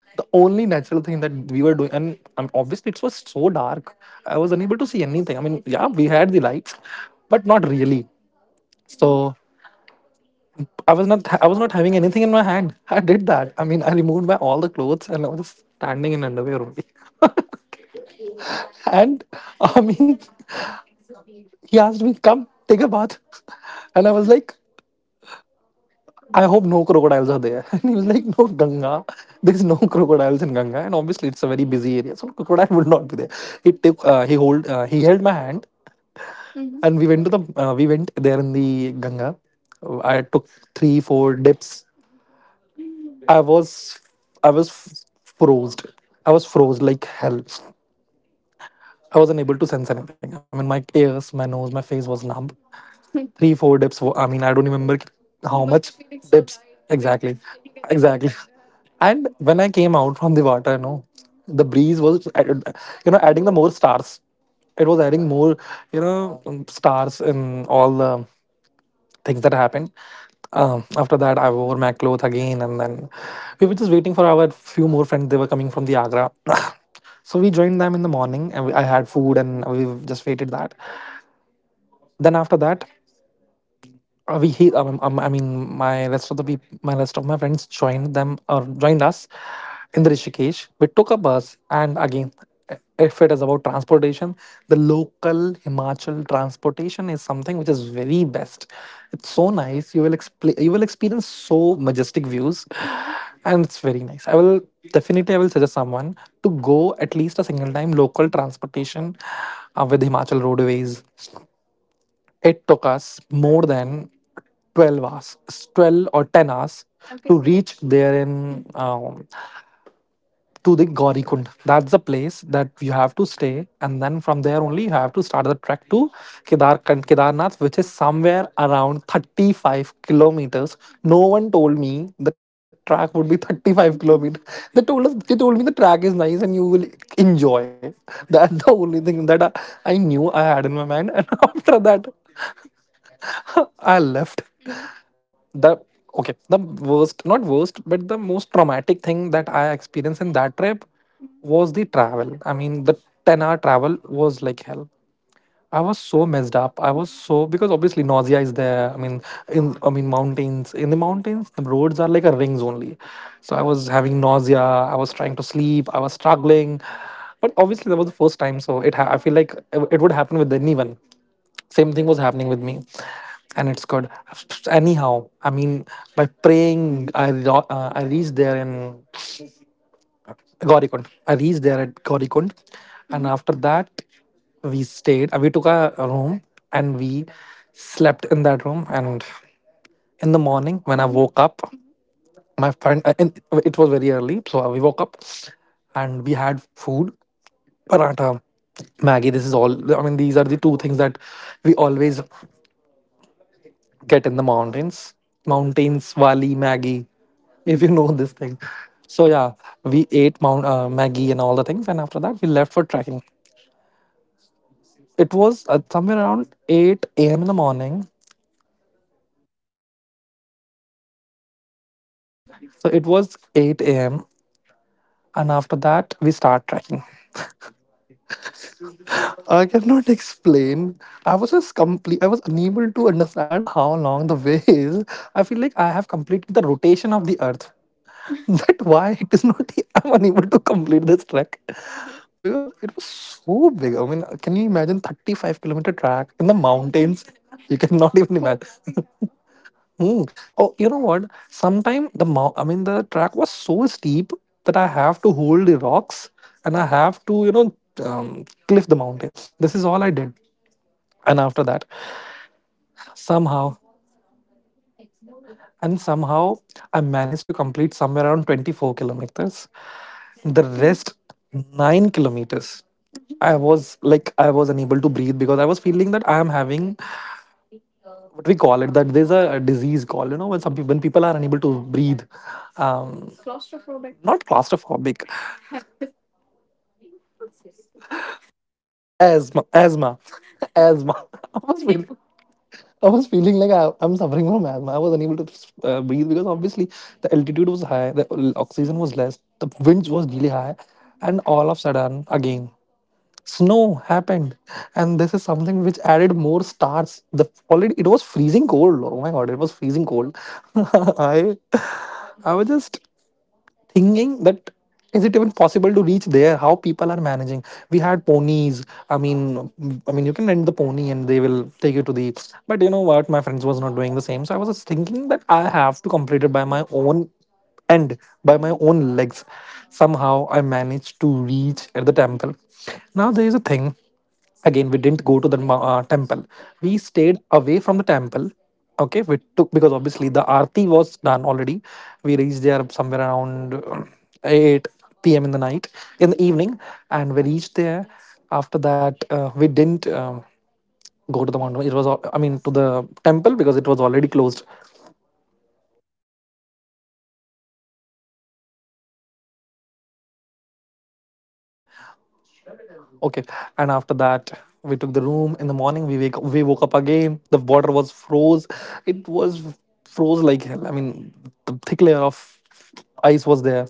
[SPEAKER 2] The
[SPEAKER 1] The
[SPEAKER 2] only
[SPEAKER 1] only
[SPEAKER 2] natural
[SPEAKER 1] natural
[SPEAKER 2] thing
[SPEAKER 1] thing
[SPEAKER 2] that
[SPEAKER 1] that
[SPEAKER 2] we
[SPEAKER 1] we
[SPEAKER 2] were
[SPEAKER 1] were
[SPEAKER 2] doing,
[SPEAKER 1] doing, I mean,
[SPEAKER 2] and obviously
[SPEAKER 1] obviously
[SPEAKER 2] it
[SPEAKER 1] it
[SPEAKER 2] was
[SPEAKER 1] was
[SPEAKER 2] so
[SPEAKER 1] so dark.
[SPEAKER 2] dark,
[SPEAKER 1] I
[SPEAKER 2] I
[SPEAKER 1] was
[SPEAKER 2] was
[SPEAKER 1] unable
[SPEAKER 2] unable
[SPEAKER 1] to
[SPEAKER 2] to see
[SPEAKER 1] see anything.
[SPEAKER 2] anything.
[SPEAKER 1] I
[SPEAKER 2] I
[SPEAKER 1] mean,
[SPEAKER 2] mean, yeah,
[SPEAKER 1] yeah,
[SPEAKER 2] we
[SPEAKER 1] we
[SPEAKER 2] had
[SPEAKER 1] had
[SPEAKER 2] the
[SPEAKER 1] lights,
[SPEAKER 2] lights, but
[SPEAKER 1] but not
[SPEAKER 2] not
[SPEAKER 1] really.
[SPEAKER 2] really.
[SPEAKER 1] Mm-hmm. So
[SPEAKER 2] So
[SPEAKER 1] I, I was not
[SPEAKER 2] I was not having
[SPEAKER 1] having anything
[SPEAKER 2] anything
[SPEAKER 1] in
[SPEAKER 2] in my
[SPEAKER 1] my hand.
[SPEAKER 2] hand. *laughs* I
[SPEAKER 1] Like,
[SPEAKER 2] did that. I mean,
[SPEAKER 1] that
[SPEAKER 2] I
[SPEAKER 1] I
[SPEAKER 2] removed
[SPEAKER 1] moved
[SPEAKER 2] my
[SPEAKER 1] my
[SPEAKER 2] all
[SPEAKER 1] arms,
[SPEAKER 2] the clothes and I was just standing
[SPEAKER 1] standing in
[SPEAKER 2] in
[SPEAKER 1] my
[SPEAKER 2] underwear only. *laughs*
[SPEAKER 1] hand. *laughs* And,
[SPEAKER 2] And I
[SPEAKER 1] I mean,
[SPEAKER 2] mean, *laughs*
[SPEAKER 1] he
[SPEAKER 2] he asked
[SPEAKER 1] asked me,
[SPEAKER 2] me, "Come,
[SPEAKER 1] "Take
[SPEAKER 2] take a
[SPEAKER 1] it,"
[SPEAKER 2] bath," *laughs*
[SPEAKER 1] and
[SPEAKER 2] and
[SPEAKER 1] I
[SPEAKER 2] I
[SPEAKER 1] was
[SPEAKER 2] was
[SPEAKER 1] like,
[SPEAKER 2] like, I hope no crocodiles are there. *laughs* And he was like, No,
[SPEAKER 1] *laughs*
[SPEAKER 2] Ganga. There's no
[SPEAKER 1] *laughs*
[SPEAKER 2] crocodiles in Ganga. And obviously, it's a very busy area. So, crocodile *laughs* would not be there. He took, he hold, he held my hand.
[SPEAKER 1] *laughs*
[SPEAKER 2] And
[SPEAKER 1] Mm-hmm.
[SPEAKER 2] we went to the, we went
[SPEAKER 1] Where
[SPEAKER 2] there in
[SPEAKER 1] the
[SPEAKER 2] the Ganga. I took
[SPEAKER 1] three,
[SPEAKER 2] three,
[SPEAKER 1] four
[SPEAKER 2] four
[SPEAKER 1] dips.
[SPEAKER 2] dips.
[SPEAKER 1] *laughs*
[SPEAKER 2] I was, I was
[SPEAKER 1] I was
[SPEAKER 2] froze.
[SPEAKER 1] frozen. I
[SPEAKER 2] I
[SPEAKER 1] was
[SPEAKER 2] was froze
[SPEAKER 1] frozen.
[SPEAKER 2] like hell.
[SPEAKER 1] I
[SPEAKER 2] I wasn't
[SPEAKER 1] wasn't
[SPEAKER 2] able
[SPEAKER 1] able
[SPEAKER 2] to
[SPEAKER 1] to
[SPEAKER 2] sense
[SPEAKER 1] sense it.
[SPEAKER 2] anything. I
[SPEAKER 1] I
[SPEAKER 2] mean,
[SPEAKER 1] mean, my
[SPEAKER 2] my
[SPEAKER 1] ears,
[SPEAKER 2] ears, my
[SPEAKER 1] my nose,
[SPEAKER 2] nose,
[SPEAKER 1] my
[SPEAKER 2] my face
[SPEAKER 1] face
[SPEAKER 2] was
[SPEAKER 1] was numb.
[SPEAKER 2] numb.
[SPEAKER 1] No. *laughs*
[SPEAKER 2] Three
[SPEAKER 1] Three, four
[SPEAKER 2] four
[SPEAKER 1] dips.
[SPEAKER 2] dips, I
[SPEAKER 1] I
[SPEAKER 2] mean,
[SPEAKER 1] mean,
[SPEAKER 2] i
[SPEAKER 1] I don't
[SPEAKER 2] don't remember
[SPEAKER 1] remember.
[SPEAKER 2] how
[SPEAKER 1] You must
[SPEAKER 2] much
[SPEAKER 1] be feeling so
[SPEAKER 2] dips
[SPEAKER 1] light, dipping
[SPEAKER 2] exactly
[SPEAKER 1] in, taking a dip in
[SPEAKER 2] exactly.
[SPEAKER 1] Ganga. I, and
[SPEAKER 2] And
[SPEAKER 1] when
[SPEAKER 2] when i
[SPEAKER 1] I came
[SPEAKER 2] came
[SPEAKER 1] out
[SPEAKER 2] out
[SPEAKER 1] of
[SPEAKER 2] from
[SPEAKER 1] the
[SPEAKER 2] the water,
[SPEAKER 1] water, you know, Mhm, the
[SPEAKER 2] the
[SPEAKER 1] breeze
[SPEAKER 2] breeze
[SPEAKER 1] was,
[SPEAKER 2] was
[SPEAKER 1] added,
[SPEAKER 2] added- you
[SPEAKER 1] you know,
[SPEAKER 2] know
[SPEAKER 1] adding,
[SPEAKER 2] adding
[SPEAKER 1] no,
[SPEAKER 2] the
[SPEAKER 1] the
[SPEAKER 2] more
[SPEAKER 1] more
[SPEAKER 2] stars.
[SPEAKER 1] stars. It
[SPEAKER 2] It
[SPEAKER 1] was
[SPEAKER 2] was adding more stars in all the things
[SPEAKER 1] thick.
[SPEAKER 2] that happened. After that, I wore my clothes again, and then we
[SPEAKER 1] Were
[SPEAKER 2] were just
[SPEAKER 1] just
[SPEAKER 2] waiting
[SPEAKER 1] waiting.
[SPEAKER 2] for our few more friends.
[SPEAKER 1] They
[SPEAKER 2] They
[SPEAKER 1] were
[SPEAKER 2] were
[SPEAKER 1] coming
[SPEAKER 2] coming
[SPEAKER 1] from
[SPEAKER 2] from
[SPEAKER 1] the,
[SPEAKER 2] the Agra. *clears throat* *coughs* So
[SPEAKER 1] so
[SPEAKER 2] we
[SPEAKER 1] we
[SPEAKER 2] joined
[SPEAKER 1] joined
[SPEAKER 2] them
[SPEAKER 1] them
[SPEAKER 2] in
[SPEAKER 1] in
[SPEAKER 2] the
[SPEAKER 1] the
[SPEAKER 2] morning,
[SPEAKER 1] morning,
[SPEAKER 2] and
[SPEAKER 1] and
[SPEAKER 2] I
[SPEAKER 1] I
[SPEAKER 2] had
[SPEAKER 1] had
[SPEAKER 2] food,
[SPEAKER 1] food,
[SPEAKER 2] and
[SPEAKER 1] and
[SPEAKER 2] we
[SPEAKER 1] we
[SPEAKER 2] just waited that then after that we he I mean, my rest of the peop my rest of my friends joined them or joined us in the Rishikesh. We took a bus and again, i- if it is about transportation, the local Himachal transportation is something which is very best. It's so nice. You will expl- you
[SPEAKER 1] you
[SPEAKER 2] will
[SPEAKER 1] will
[SPEAKER 2] experience
[SPEAKER 1] experience so
[SPEAKER 2] so majestic
[SPEAKER 1] majestic views.
[SPEAKER 2] views,
[SPEAKER 1] Mm-hmm. I
[SPEAKER 2] and it's
[SPEAKER 1] will,
[SPEAKER 2] very nice. I
[SPEAKER 1] I
[SPEAKER 2] will
[SPEAKER 1] will-
[SPEAKER 2] Definitely,
[SPEAKER 1] definitely
[SPEAKER 2] I
[SPEAKER 1] I
[SPEAKER 2] will
[SPEAKER 1] will
[SPEAKER 2] suggest
[SPEAKER 1] suggest someone
[SPEAKER 2] someone to
[SPEAKER 1] to
[SPEAKER 2] go
[SPEAKER 1] go
[SPEAKER 2] at
[SPEAKER 1] at
[SPEAKER 2] least
[SPEAKER 1] least
[SPEAKER 2] a
[SPEAKER 1] a
[SPEAKER 2] single
[SPEAKER 1] single
[SPEAKER 2] time
[SPEAKER 1] time
[SPEAKER 2] local
[SPEAKER 1] local transportation
[SPEAKER 2] transportation with
[SPEAKER 1] with Himachal
[SPEAKER 2] Himachal roadways. It took us more than 12
[SPEAKER 1] bus.
[SPEAKER 2] hours,
[SPEAKER 1] It's 12
[SPEAKER 2] 12
[SPEAKER 1] or
[SPEAKER 2] or 10
[SPEAKER 1] ten
[SPEAKER 2] hours.
[SPEAKER 1] hours Okay,
[SPEAKER 2] Okay,
[SPEAKER 1] to
[SPEAKER 2] to
[SPEAKER 1] so reach
[SPEAKER 2] reach there
[SPEAKER 1] in,
[SPEAKER 2] in
[SPEAKER 1] Mhm,
[SPEAKER 2] to
[SPEAKER 1] to
[SPEAKER 2] the
[SPEAKER 1] the
[SPEAKER 2] Gaurikund.
[SPEAKER 1] Gaurikund
[SPEAKER 2] That's the place
[SPEAKER 1] place.
[SPEAKER 2] that
[SPEAKER 1] That,
[SPEAKER 2] you have to stay, and then from there only you have to start the trek to
[SPEAKER 1] okay,
[SPEAKER 2] Kedarnath, which is somewhere
[SPEAKER 1] somewhere around
[SPEAKER 2] around 35
[SPEAKER 1] kilometers.
[SPEAKER 2] kilometers.
[SPEAKER 1] Mhm. No
[SPEAKER 2] No
[SPEAKER 1] one
[SPEAKER 2] one
[SPEAKER 1] told
[SPEAKER 2] told me
[SPEAKER 1] me the
[SPEAKER 2] the
[SPEAKER 1] track
[SPEAKER 2] track
[SPEAKER 1] would be
[SPEAKER 2] would be
[SPEAKER 1] thirty-five
[SPEAKER 2] 35 kilometers.
[SPEAKER 1] kilometers. *laughs* They
[SPEAKER 2] They
[SPEAKER 1] told
[SPEAKER 2] told
[SPEAKER 1] us,
[SPEAKER 2] us
[SPEAKER 1] they
[SPEAKER 2] they
[SPEAKER 1] told
[SPEAKER 2] told
[SPEAKER 1] me
[SPEAKER 2] me the
[SPEAKER 1] the track
[SPEAKER 2] track is nice and you will
[SPEAKER 1] enjoy.
[SPEAKER 2] enjoy. That's
[SPEAKER 1] That's the
[SPEAKER 2] the only thing
[SPEAKER 1] only
[SPEAKER 2] that I
[SPEAKER 1] new
[SPEAKER 2] knew I had in my mind. *laughs*
[SPEAKER 1] environment,
[SPEAKER 2] And
[SPEAKER 1] and Mhm, after
[SPEAKER 2] after that, *laughs* I left.
[SPEAKER 1] Mhm,
[SPEAKER 2] The
[SPEAKER 1] the
[SPEAKER 2] Okay,
[SPEAKER 1] most
[SPEAKER 2] the worst, not worst, but the most traumatic
[SPEAKER 1] traumatic
[SPEAKER 2] thing
[SPEAKER 1] thing that
[SPEAKER 2] that
[SPEAKER 1] I
[SPEAKER 2] I experienced
[SPEAKER 1] experienced,
[SPEAKER 2] in that trip
[SPEAKER 1] Hmm,
[SPEAKER 2] was
[SPEAKER 1] was,
[SPEAKER 2] the travel. I
[SPEAKER 1] I mean,
[SPEAKER 2] mean,
[SPEAKER 1] the
[SPEAKER 2] the 10
[SPEAKER 1] 10-hour
[SPEAKER 2] hour
[SPEAKER 1] travel
[SPEAKER 2] travel was
[SPEAKER 1] was
[SPEAKER 2] like
[SPEAKER 1] like
[SPEAKER 2] hell. I
[SPEAKER 1] I
[SPEAKER 2] was
[SPEAKER 1] was
[SPEAKER 2] so
[SPEAKER 1] so
[SPEAKER 2] messed
[SPEAKER 1] messed
[SPEAKER 2] up.
[SPEAKER 1] up.
[SPEAKER 2] I
[SPEAKER 1] I, Mhm,
[SPEAKER 2] was
[SPEAKER 1] was, mm-hmm, so,
[SPEAKER 2] so because
[SPEAKER 1] because
[SPEAKER 2] obviously
[SPEAKER 1] obviously
[SPEAKER 2] nausea
[SPEAKER 1] nausea
[SPEAKER 2] is
[SPEAKER 1] is there.
[SPEAKER 2] there.
[SPEAKER 1] I
[SPEAKER 2] I
[SPEAKER 1] mean,
[SPEAKER 2] mean,
[SPEAKER 1] in,
[SPEAKER 2] in,
[SPEAKER 1] I
[SPEAKER 2] I mean,
[SPEAKER 1] mean mountains.
[SPEAKER 2] mountains.
[SPEAKER 1] In
[SPEAKER 2] In the
[SPEAKER 1] the mountains,
[SPEAKER 2] mountains, the
[SPEAKER 1] the roads
[SPEAKER 2] roads
[SPEAKER 1] are
[SPEAKER 2] are
[SPEAKER 1] like
[SPEAKER 2] like
[SPEAKER 1] a
[SPEAKER 2] a
[SPEAKER 1] rings
[SPEAKER 2] rings
[SPEAKER 1] only.
[SPEAKER 2] only.
[SPEAKER 1] Mhm. So
[SPEAKER 2] So I
[SPEAKER 1] I was
[SPEAKER 2] was
[SPEAKER 1] having
[SPEAKER 2] having nausea.
[SPEAKER 1] nausea. I
[SPEAKER 2] I was
[SPEAKER 1] was trying
[SPEAKER 2] trying to
[SPEAKER 1] to sleep.
[SPEAKER 2] sleep.
[SPEAKER 1] I
[SPEAKER 2] I
[SPEAKER 1] was
[SPEAKER 2] was
[SPEAKER 1] struggling.
[SPEAKER 2] struggling.
[SPEAKER 1] But
[SPEAKER 2] But obviously,
[SPEAKER 1] obviously
[SPEAKER 2] that
[SPEAKER 1] that
[SPEAKER 2] was
[SPEAKER 1] was
[SPEAKER 2] the
[SPEAKER 1] the
[SPEAKER 2] first
[SPEAKER 1] first time,
[SPEAKER 2] time, so
[SPEAKER 1] so it, I
[SPEAKER 2] I
[SPEAKER 1] feel
[SPEAKER 2] feel
[SPEAKER 1] like
[SPEAKER 2] like it
[SPEAKER 1] it
[SPEAKER 2] it would
[SPEAKER 1] would happen
[SPEAKER 2] happen
[SPEAKER 1] with
[SPEAKER 2] with
[SPEAKER 1] anyone.
[SPEAKER 2] anyone.
[SPEAKER 1] Mhm. Same
[SPEAKER 2] Same
[SPEAKER 1] thing
[SPEAKER 2] thing was
[SPEAKER 1] was happening.
[SPEAKER 2] happening with me, and
[SPEAKER 1] and
[SPEAKER 2] it's good.
[SPEAKER 1] and,
[SPEAKER 2] Anyhow, I
[SPEAKER 1] I mean,
[SPEAKER 2] mean, by
[SPEAKER 1] but praying,
[SPEAKER 2] praying, I
[SPEAKER 1] Mhm,
[SPEAKER 2] ro- uh, I
[SPEAKER 1] at
[SPEAKER 2] reached
[SPEAKER 1] least,
[SPEAKER 2] there in
[SPEAKER 1] God,
[SPEAKER 2] Gaurikund. I reached there at Gaurikund, and after that, we stayed. We took a room, and we slept in that room. And
[SPEAKER 1] in
[SPEAKER 2] in the
[SPEAKER 1] the morning
[SPEAKER 2] morning,
[SPEAKER 1] when
[SPEAKER 2] when
[SPEAKER 1] I,
[SPEAKER 2] I
[SPEAKER 1] Mhm, woke
[SPEAKER 2] woke
[SPEAKER 1] up,
[SPEAKER 2] up,
[SPEAKER 1] Mm-hmm, my
[SPEAKER 2] my
[SPEAKER 1] friend,
[SPEAKER 2] friend,
[SPEAKER 1] in, like,
[SPEAKER 2] it
[SPEAKER 1] it was
[SPEAKER 2] was
[SPEAKER 1] very
[SPEAKER 2] very
[SPEAKER 1] early,
[SPEAKER 2] early,
[SPEAKER 1] so
[SPEAKER 2] so
[SPEAKER 1] we
[SPEAKER 2] we
[SPEAKER 1] woke
[SPEAKER 2] woke
[SPEAKER 1] up
[SPEAKER 2] up
[SPEAKER 1] and
[SPEAKER 2] and we had food,
[SPEAKER 1] we
[SPEAKER 2] paratha,
[SPEAKER 1] paratha.
[SPEAKER 2] Maggie, this is all. I mean, these are the two things that
[SPEAKER 1] We
[SPEAKER 2] we always
[SPEAKER 1] always get
[SPEAKER 2] get
[SPEAKER 1] in
[SPEAKER 2] in
[SPEAKER 1] the
[SPEAKER 2] the
[SPEAKER 1] morning,
[SPEAKER 2] mountains.
[SPEAKER 1] mountains,
[SPEAKER 2] Mountains,
[SPEAKER 1] wali,
[SPEAKER 2] Wali,
[SPEAKER 1] Maggie.
[SPEAKER 2] Maggie, if
[SPEAKER 1] We
[SPEAKER 2] you know
[SPEAKER 1] know this
[SPEAKER 2] this
[SPEAKER 1] thing.
[SPEAKER 2] thing.
[SPEAKER 1] So
[SPEAKER 2] So
[SPEAKER 1] yeah,
[SPEAKER 2] yeah, we
[SPEAKER 1] we
[SPEAKER 2] ate
[SPEAKER 1] ate
[SPEAKER 2] Mount Maggie
[SPEAKER 1] Maggie
[SPEAKER 2] and
[SPEAKER 1] and
[SPEAKER 2] all
[SPEAKER 1] all
[SPEAKER 2] the
[SPEAKER 1] the things,
[SPEAKER 2] things, and
[SPEAKER 1] and
[SPEAKER 2] after
[SPEAKER 1] after
[SPEAKER 2] that
[SPEAKER 1] that
[SPEAKER 2] we
[SPEAKER 1] we
[SPEAKER 2] left
[SPEAKER 1] left
[SPEAKER 2] for
[SPEAKER 1] for trekking.
[SPEAKER 2] trekking. It
[SPEAKER 1] It was
[SPEAKER 2] was somewhere
[SPEAKER 1] somewhere around
[SPEAKER 2] around 8 a.m. in the morning.
[SPEAKER 1] eight, obviously at 8 a.m. in the morning only. *laughs*
[SPEAKER 2] So
[SPEAKER 1] So
[SPEAKER 2] it was
[SPEAKER 1] 8
[SPEAKER 2] 8
[SPEAKER 1] a.m.
[SPEAKER 2] a.m. and after that we start trekking. I cannot explain. I was just complete. I was unable to understand how long the way is. I feel like I have completed the rotation of the Earth. *laughs* That why it is not. *laughs* I'm unable to complete this trek because it was so
[SPEAKER 1] I,
[SPEAKER 2] big. I mean, can
[SPEAKER 1] can
[SPEAKER 2] you
[SPEAKER 1] you imagine
[SPEAKER 2] imagine
[SPEAKER 1] 35
[SPEAKER 2] 35-kilometer
[SPEAKER 1] kilometer drive?
[SPEAKER 2] track in the
[SPEAKER 1] I can't
[SPEAKER 2] mountains?
[SPEAKER 1] even
[SPEAKER 2] You
[SPEAKER 1] imagine
[SPEAKER 2] cannot even
[SPEAKER 1] *laughs* walking
[SPEAKER 2] imagine.
[SPEAKER 1] that long.
[SPEAKER 2] Mm. Oh, you know what? Sometime I mean, the track was so steep that I have to hold the rocks, and I have to, cliff the mountain. This is all I did. And after that, somehow, somehow, I managed to complete somewhere around 24 kilometers. The rest,
[SPEAKER 1] Rest
[SPEAKER 2] nine
[SPEAKER 1] 9 kilometers.
[SPEAKER 2] kilometers.
[SPEAKER 1] Hmm.
[SPEAKER 2] I
[SPEAKER 1] I
[SPEAKER 2] was like
[SPEAKER 1] I
[SPEAKER 2] I was
[SPEAKER 1] was
[SPEAKER 2] unable
[SPEAKER 1] unable
[SPEAKER 2] to
[SPEAKER 1] to
[SPEAKER 2] breathe
[SPEAKER 1] breathe
[SPEAKER 2] because
[SPEAKER 1] because
[SPEAKER 2] I
[SPEAKER 1] I
[SPEAKER 2] was
[SPEAKER 1] was feeling
[SPEAKER 2] feeling
[SPEAKER 1] that
[SPEAKER 2] that
[SPEAKER 1] I
[SPEAKER 2] I am
[SPEAKER 1] am having,
[SPEAKER 2] having,
[SPEAKER 1] what
[SPEAKER 2] what we
[SPEAKER 1] we call
[SPEAKER 2] call
[SPEAKER 1] it,
[SPEAKER 2] it, that
[SPEAKER 1] that
[SPEAKER 2] there's
[SPEAKER 1] there's
[SPEAKER 2] a
[SPEAKER 1] a
[SPEAKER 2] disease
[SPEAKER 1] disease
[SPEAKER 2] called, when some people
[SPEAKER 1] when
[SPEAKER 2] when
[SPEAKER 1] people
[SPEAKER 2] people
[SPEAKER 1] are
[SPEAKER 2] are
[SPEAKER 1] unable
[SPEAKER 2] unable
[SPEAKER 1] to
[SPEAKER 2] to
[SPEAKER 1] breathe.
[SPEAKER 2] breathe, um,
[SPEAKER 1] Claustrophobic.
[SPEAKER 2] not
[SPEAKER 1] Not claustrophobic.
[SPEAKER 2] claustrophobic,
[SPEAKER 1] I mean, *laughs*
[SPEAKER 2] asthma, asthma, *laughs* asthma. *laughs* I was feeling, I was feeling like
[SPEAKER 1] yeah,
[SPEAKER 2] I,
[SPEAKER 1] I'm
[SPEAKER 2] I'm suffering from
[SPEAKER 1] suffering.
[SPEAKER 2] asthma.
[SPEAKER 1] I
[SPEAKER 2] I
[SPEAKER 1] was
[SPEAKER 2] was
[SPEAKER 1] unable
[SPEAKER 2] unable
[SPEAKER 1] to
[SPEAKER 2] to
[SPEAKER 1] breathe
[SPEAKER 2] breathe
[SPEAKER 1] because
[SPEAKER 2] because
[SPEAKER 1] obviously
[SPEAKER 2] obviously
[SPEAKER 1] the
[SPEAKER 2] the
[SPEAKER 1] altitude
[SPEAKER 2] altitude was
[SPEAKER 1] was high,
[SPEAKER 2] high,
[SPEAKER 1] the
[SPEAKER 2] the
[SPEAKER 1] oxygen
[SPEAKER 2] oxygen
[SPEAKER 1] was
[SPEAKER 2] was less,
[SPEAKER 1] less, the
[SPEAKER 2] the
[SPEAKER 1] winds
[SPEAKER 2] winds
[SPEAKER 1] was
[SPEAKER 2] was
[SPEAKER 1] really
[SPEAKER 2] really
[SPEAKER 1] high,
[SPEAKER 2] high,
[SPEAKER 1] mm-hmm, and
[SPEAKER 2] and
[SPEAKER 1] all
[SPEAKER 2] all
[SPEAKER 1] of
[SPEAKER 2] of
[SPEAKER 1] a
[SPEAKER 2] a
[SPEAKER 1] sudden
[SPEAKER 2] sudden
[SPEAKER 1] again
[SPEAKER 2] again, snow
[SPEAKER 1] snow happened,
[SPEAKER 2] happened,
[SPEAKER 1] and
[SPEAKER 2] and this
[SPEAKER 1] this
[SPEAKER 2] is something which
[SPEAKER 1] started
[SPEAKER 2] added
[SPEAKER 1] more
[SPEAKER 2] more stars. The Already it was freezing cold. Oh my god, it was freezing cold. *laughs* I I was just thinking that is it even possible to reach there, how people are managing. We had ponies. I mean i mean you can rent the pony and they will take you to the, but you know what, my friends was not doing the same, so I was just thinking that I have to complete it end by
[SPEAKER 1] by
[SPEAKER 2] my
[SPEAKER 1] my own
[SPEAKER 2] own legs.
[SPEAKER 1] legs, mm-hmm, some
[SPEAKER 2] Somehow I managed to
[SPEAKER 1] to
[SPEAKER 2] reach
[SPEAKER 1] reach. And,
[SPEAKER 2] at the temple.
[SPEAKER 1] now
[SPEAKER 2] Now there
[SPEAKER 1] there
[SPEAKER 2] is
[SPEAKER 1] is a
[SPEAKER 2] a
[SPEAKER 1] thing.
[SPEAKER 2] thing.
[SPEAKER 1] Again,
[SPEAKER 2] Again, we
[SPEAKER 1] we
[SPEAKER 2] didn't
[SPEAKER 1] did.
[SPEAKER 2] go to the temple. We
[SPEAKER 1] We
[SPEAKER 2] stayed
[SPEAKER 1] stayed.
[SPEAKER 2] away from the temple. Okay,
[SPEAKER 1] Okay, we,
[SPEAKER 2] we
[SPEAKER 1] mm-hmm,
[SPEAKER 2] took
[SPEAKER 1] took,
[SPEAKER 2] because
[SPEAKER 1] because obviously
[SPEAKER 2] obviously the
[SPEAKER 1] the
[SPEAKER 2] arti was done already.
[SPEAKER 1] we
[SPEAKER 2] We
[SPEAKER 1] reached
[SPEAKER 2] reached
[SPEAKER 1] there
[SPEAKER 2] there somewhere around 8
[SPEAKER 1] 8 p.m.
[SPEAKER 2] p.m in
[SPEAKER 1] in the
[SPEAKER 2] the night,
[SPEAKER 1] night, mm-hmm, in
[SPEAKER 2] in the
[SPEAKER 1] the evening,
[SPEAKER 2] evening,
[SPEAKER 1] and
[SPEAKER 2] and we
[SPEAKER 1] we
[SPEAKER 2] reached
[SPEAKER 1] reached
[SPEAKER 2] there.
[SPEAKER 1] there.
[SPEAKER 2] After
[SPEAKER 1] After
[SPEAKER 2] that
[SPEAKER 1] that,
[SPEAKER 2] we didn't go to the mountain it was al- I mean to the temple because it was already closed. Okay. And
[SPEAKER 1] and
[SPEAKER 2] after
[SPEAKER 1] after that,
[SPEAKER 2] that,
[SPEAKER 1] we
[SPEAKER 2] we
[SPEAKER 1] took
[SPEAKER 2] took
[SPEAKER 1] the
[SPEAKER 2] the room
[SPEAKER 1] room. In
[SPEAKER 2] in
[SPEAKER 1] the
[SPEAKER 2] the
[SPEAKER 1] morning,
[SPEAKER 2] morning. We wake
[SPEAKER 1] we
[SPEAKER 2] we woke up
[SPEAKER 1] woke up.
[SPEAKER 2] again. The
[SPEAKER 1] Water
[SPEAKER 2] water was
[SPEAKER 1] was
[SPEAKER 2] froze.
[SPEAKER 1] froze.
[SPEAKER 2] It
[SPEAKER 1] It
[SPEAKER 2] was
[SPEAKER 1] was
[SPEAKER 2] froze
[SPEAKER 1] froze
[SPEAKER 2] like
[SPEAKER 1] like.
[SPEAKER 2] hell. I mean, the thick layer of ice was there.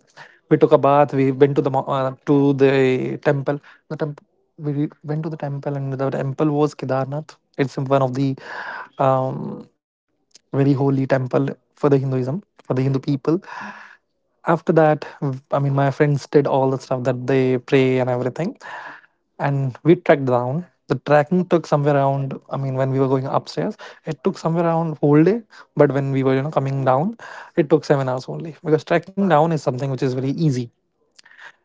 [SPEAKER 2] We took a bath. We went to the to the temple. The temple. We went to the temple, and the temple was Kedarnath. It's one of the um, very holy temple for the Hinduism, for the Hindu people. After that, I mean, my friends did all the stuff that they pray and everything, and we trekked down. The trekking took somewhere around, I mean, when we were going upstairs, it took somewhere around whole day, but when we were, you know, coming down, it took 7 hours only because trekking down is something which is very easy.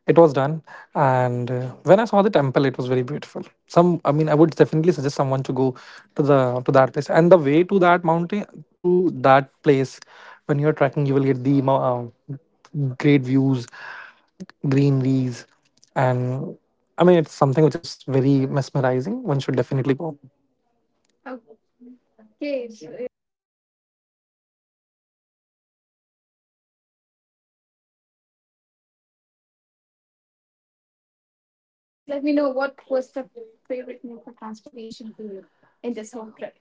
[SPEAKER 2] It was done, and when I saw the temple, it was very beautiful.
[SPEAKER 1] I
[SPEAKER 2] I
[SPEAKER 1] mean,
[SPEAKER 2] mean,
[SPEAKER 1] I
[SPEAKER 2] I
[SPEAKER 1] would
[SPEAKER 2] would
[SPEAKER 1] definitely
[SPEAKER 2] definitely
[SPEAKER 1] suggest
[SPEAKER 2] suggest
[SPEAKER 1] someone
[SPEAKER 2] someone
[SPEAKER 1] to
[SPEAKER 2] to
[SPEAKER 1] go
[SPEAKER 2] go
[SPEAKER 1] to
[SPEAKER 2] to
[SPEAKER 1] the,
[SPEAKER 2] the
[SPEAKER 1] to
[SPEAKER 2] to
[SPEAKER 1] that
[SPEAKER 2] that
[SPEAKER 1] place.
[SPEAKER 2] place.
[SPEAKER 1] And
[SPEAKER 2] And the
[SPEAKER 1] the way
[SPEAKER 2] way
[SPEAKER 1] to
[SPEAKER 2] to that
[SPEAKER 1] that
[SPEAKER 2] mountain,
[SPEAKER 1] mountain, to
[SPEAKER 2] to that
[SPEAKER 1] place,
[SPEAKER 2] place, when
[SPEAKER 1] when
[SPEAKER 2] you're
[SPEAKER 1] you're
[SPEAKER 2] trekking,
[SPEAKER 1] trekking, you
[SPEAKER 2] you will
[SPEAKER 1] will
[SPEAKER 2] get
[SPEAKER 1] get
[SPEAKER 2] the
[SPEAKER 1] the
[SPEAKER 2] uh,
[SPEAKER 1] uh,
[SPEAKER 2] great
[SPEAKER 1] great
[SPEAKER 2] views,
[SPEAKER 1] views, green leaves.
[SPEAKER 2] greeneries, and I
[SPEAKER 1] I
[SPEAKER 2] mean,
[SPEAKER 1] mean,
[SPEAKER 2] it's
[SPEAKER 1] it's
[SPEAKER 2] something
[SPEAKER 1] something
[SPEAKER 2] which
[SPEAKER 1] which
[SPEAKER 2] is
[SPEAKER 1] is very
[SPEAKER 2] very
[SPEAKER 1] mesmerizing.
[SPEAKER 2] mesmerizing. One should definitely go.
[SPEAKER 1] Okay, so if, okay, so I'll just go for quick questions here, because you know it seems *laughs* too long. So, okay, so could you please let me know what was the favorite mode for transportation for you in this whole trip?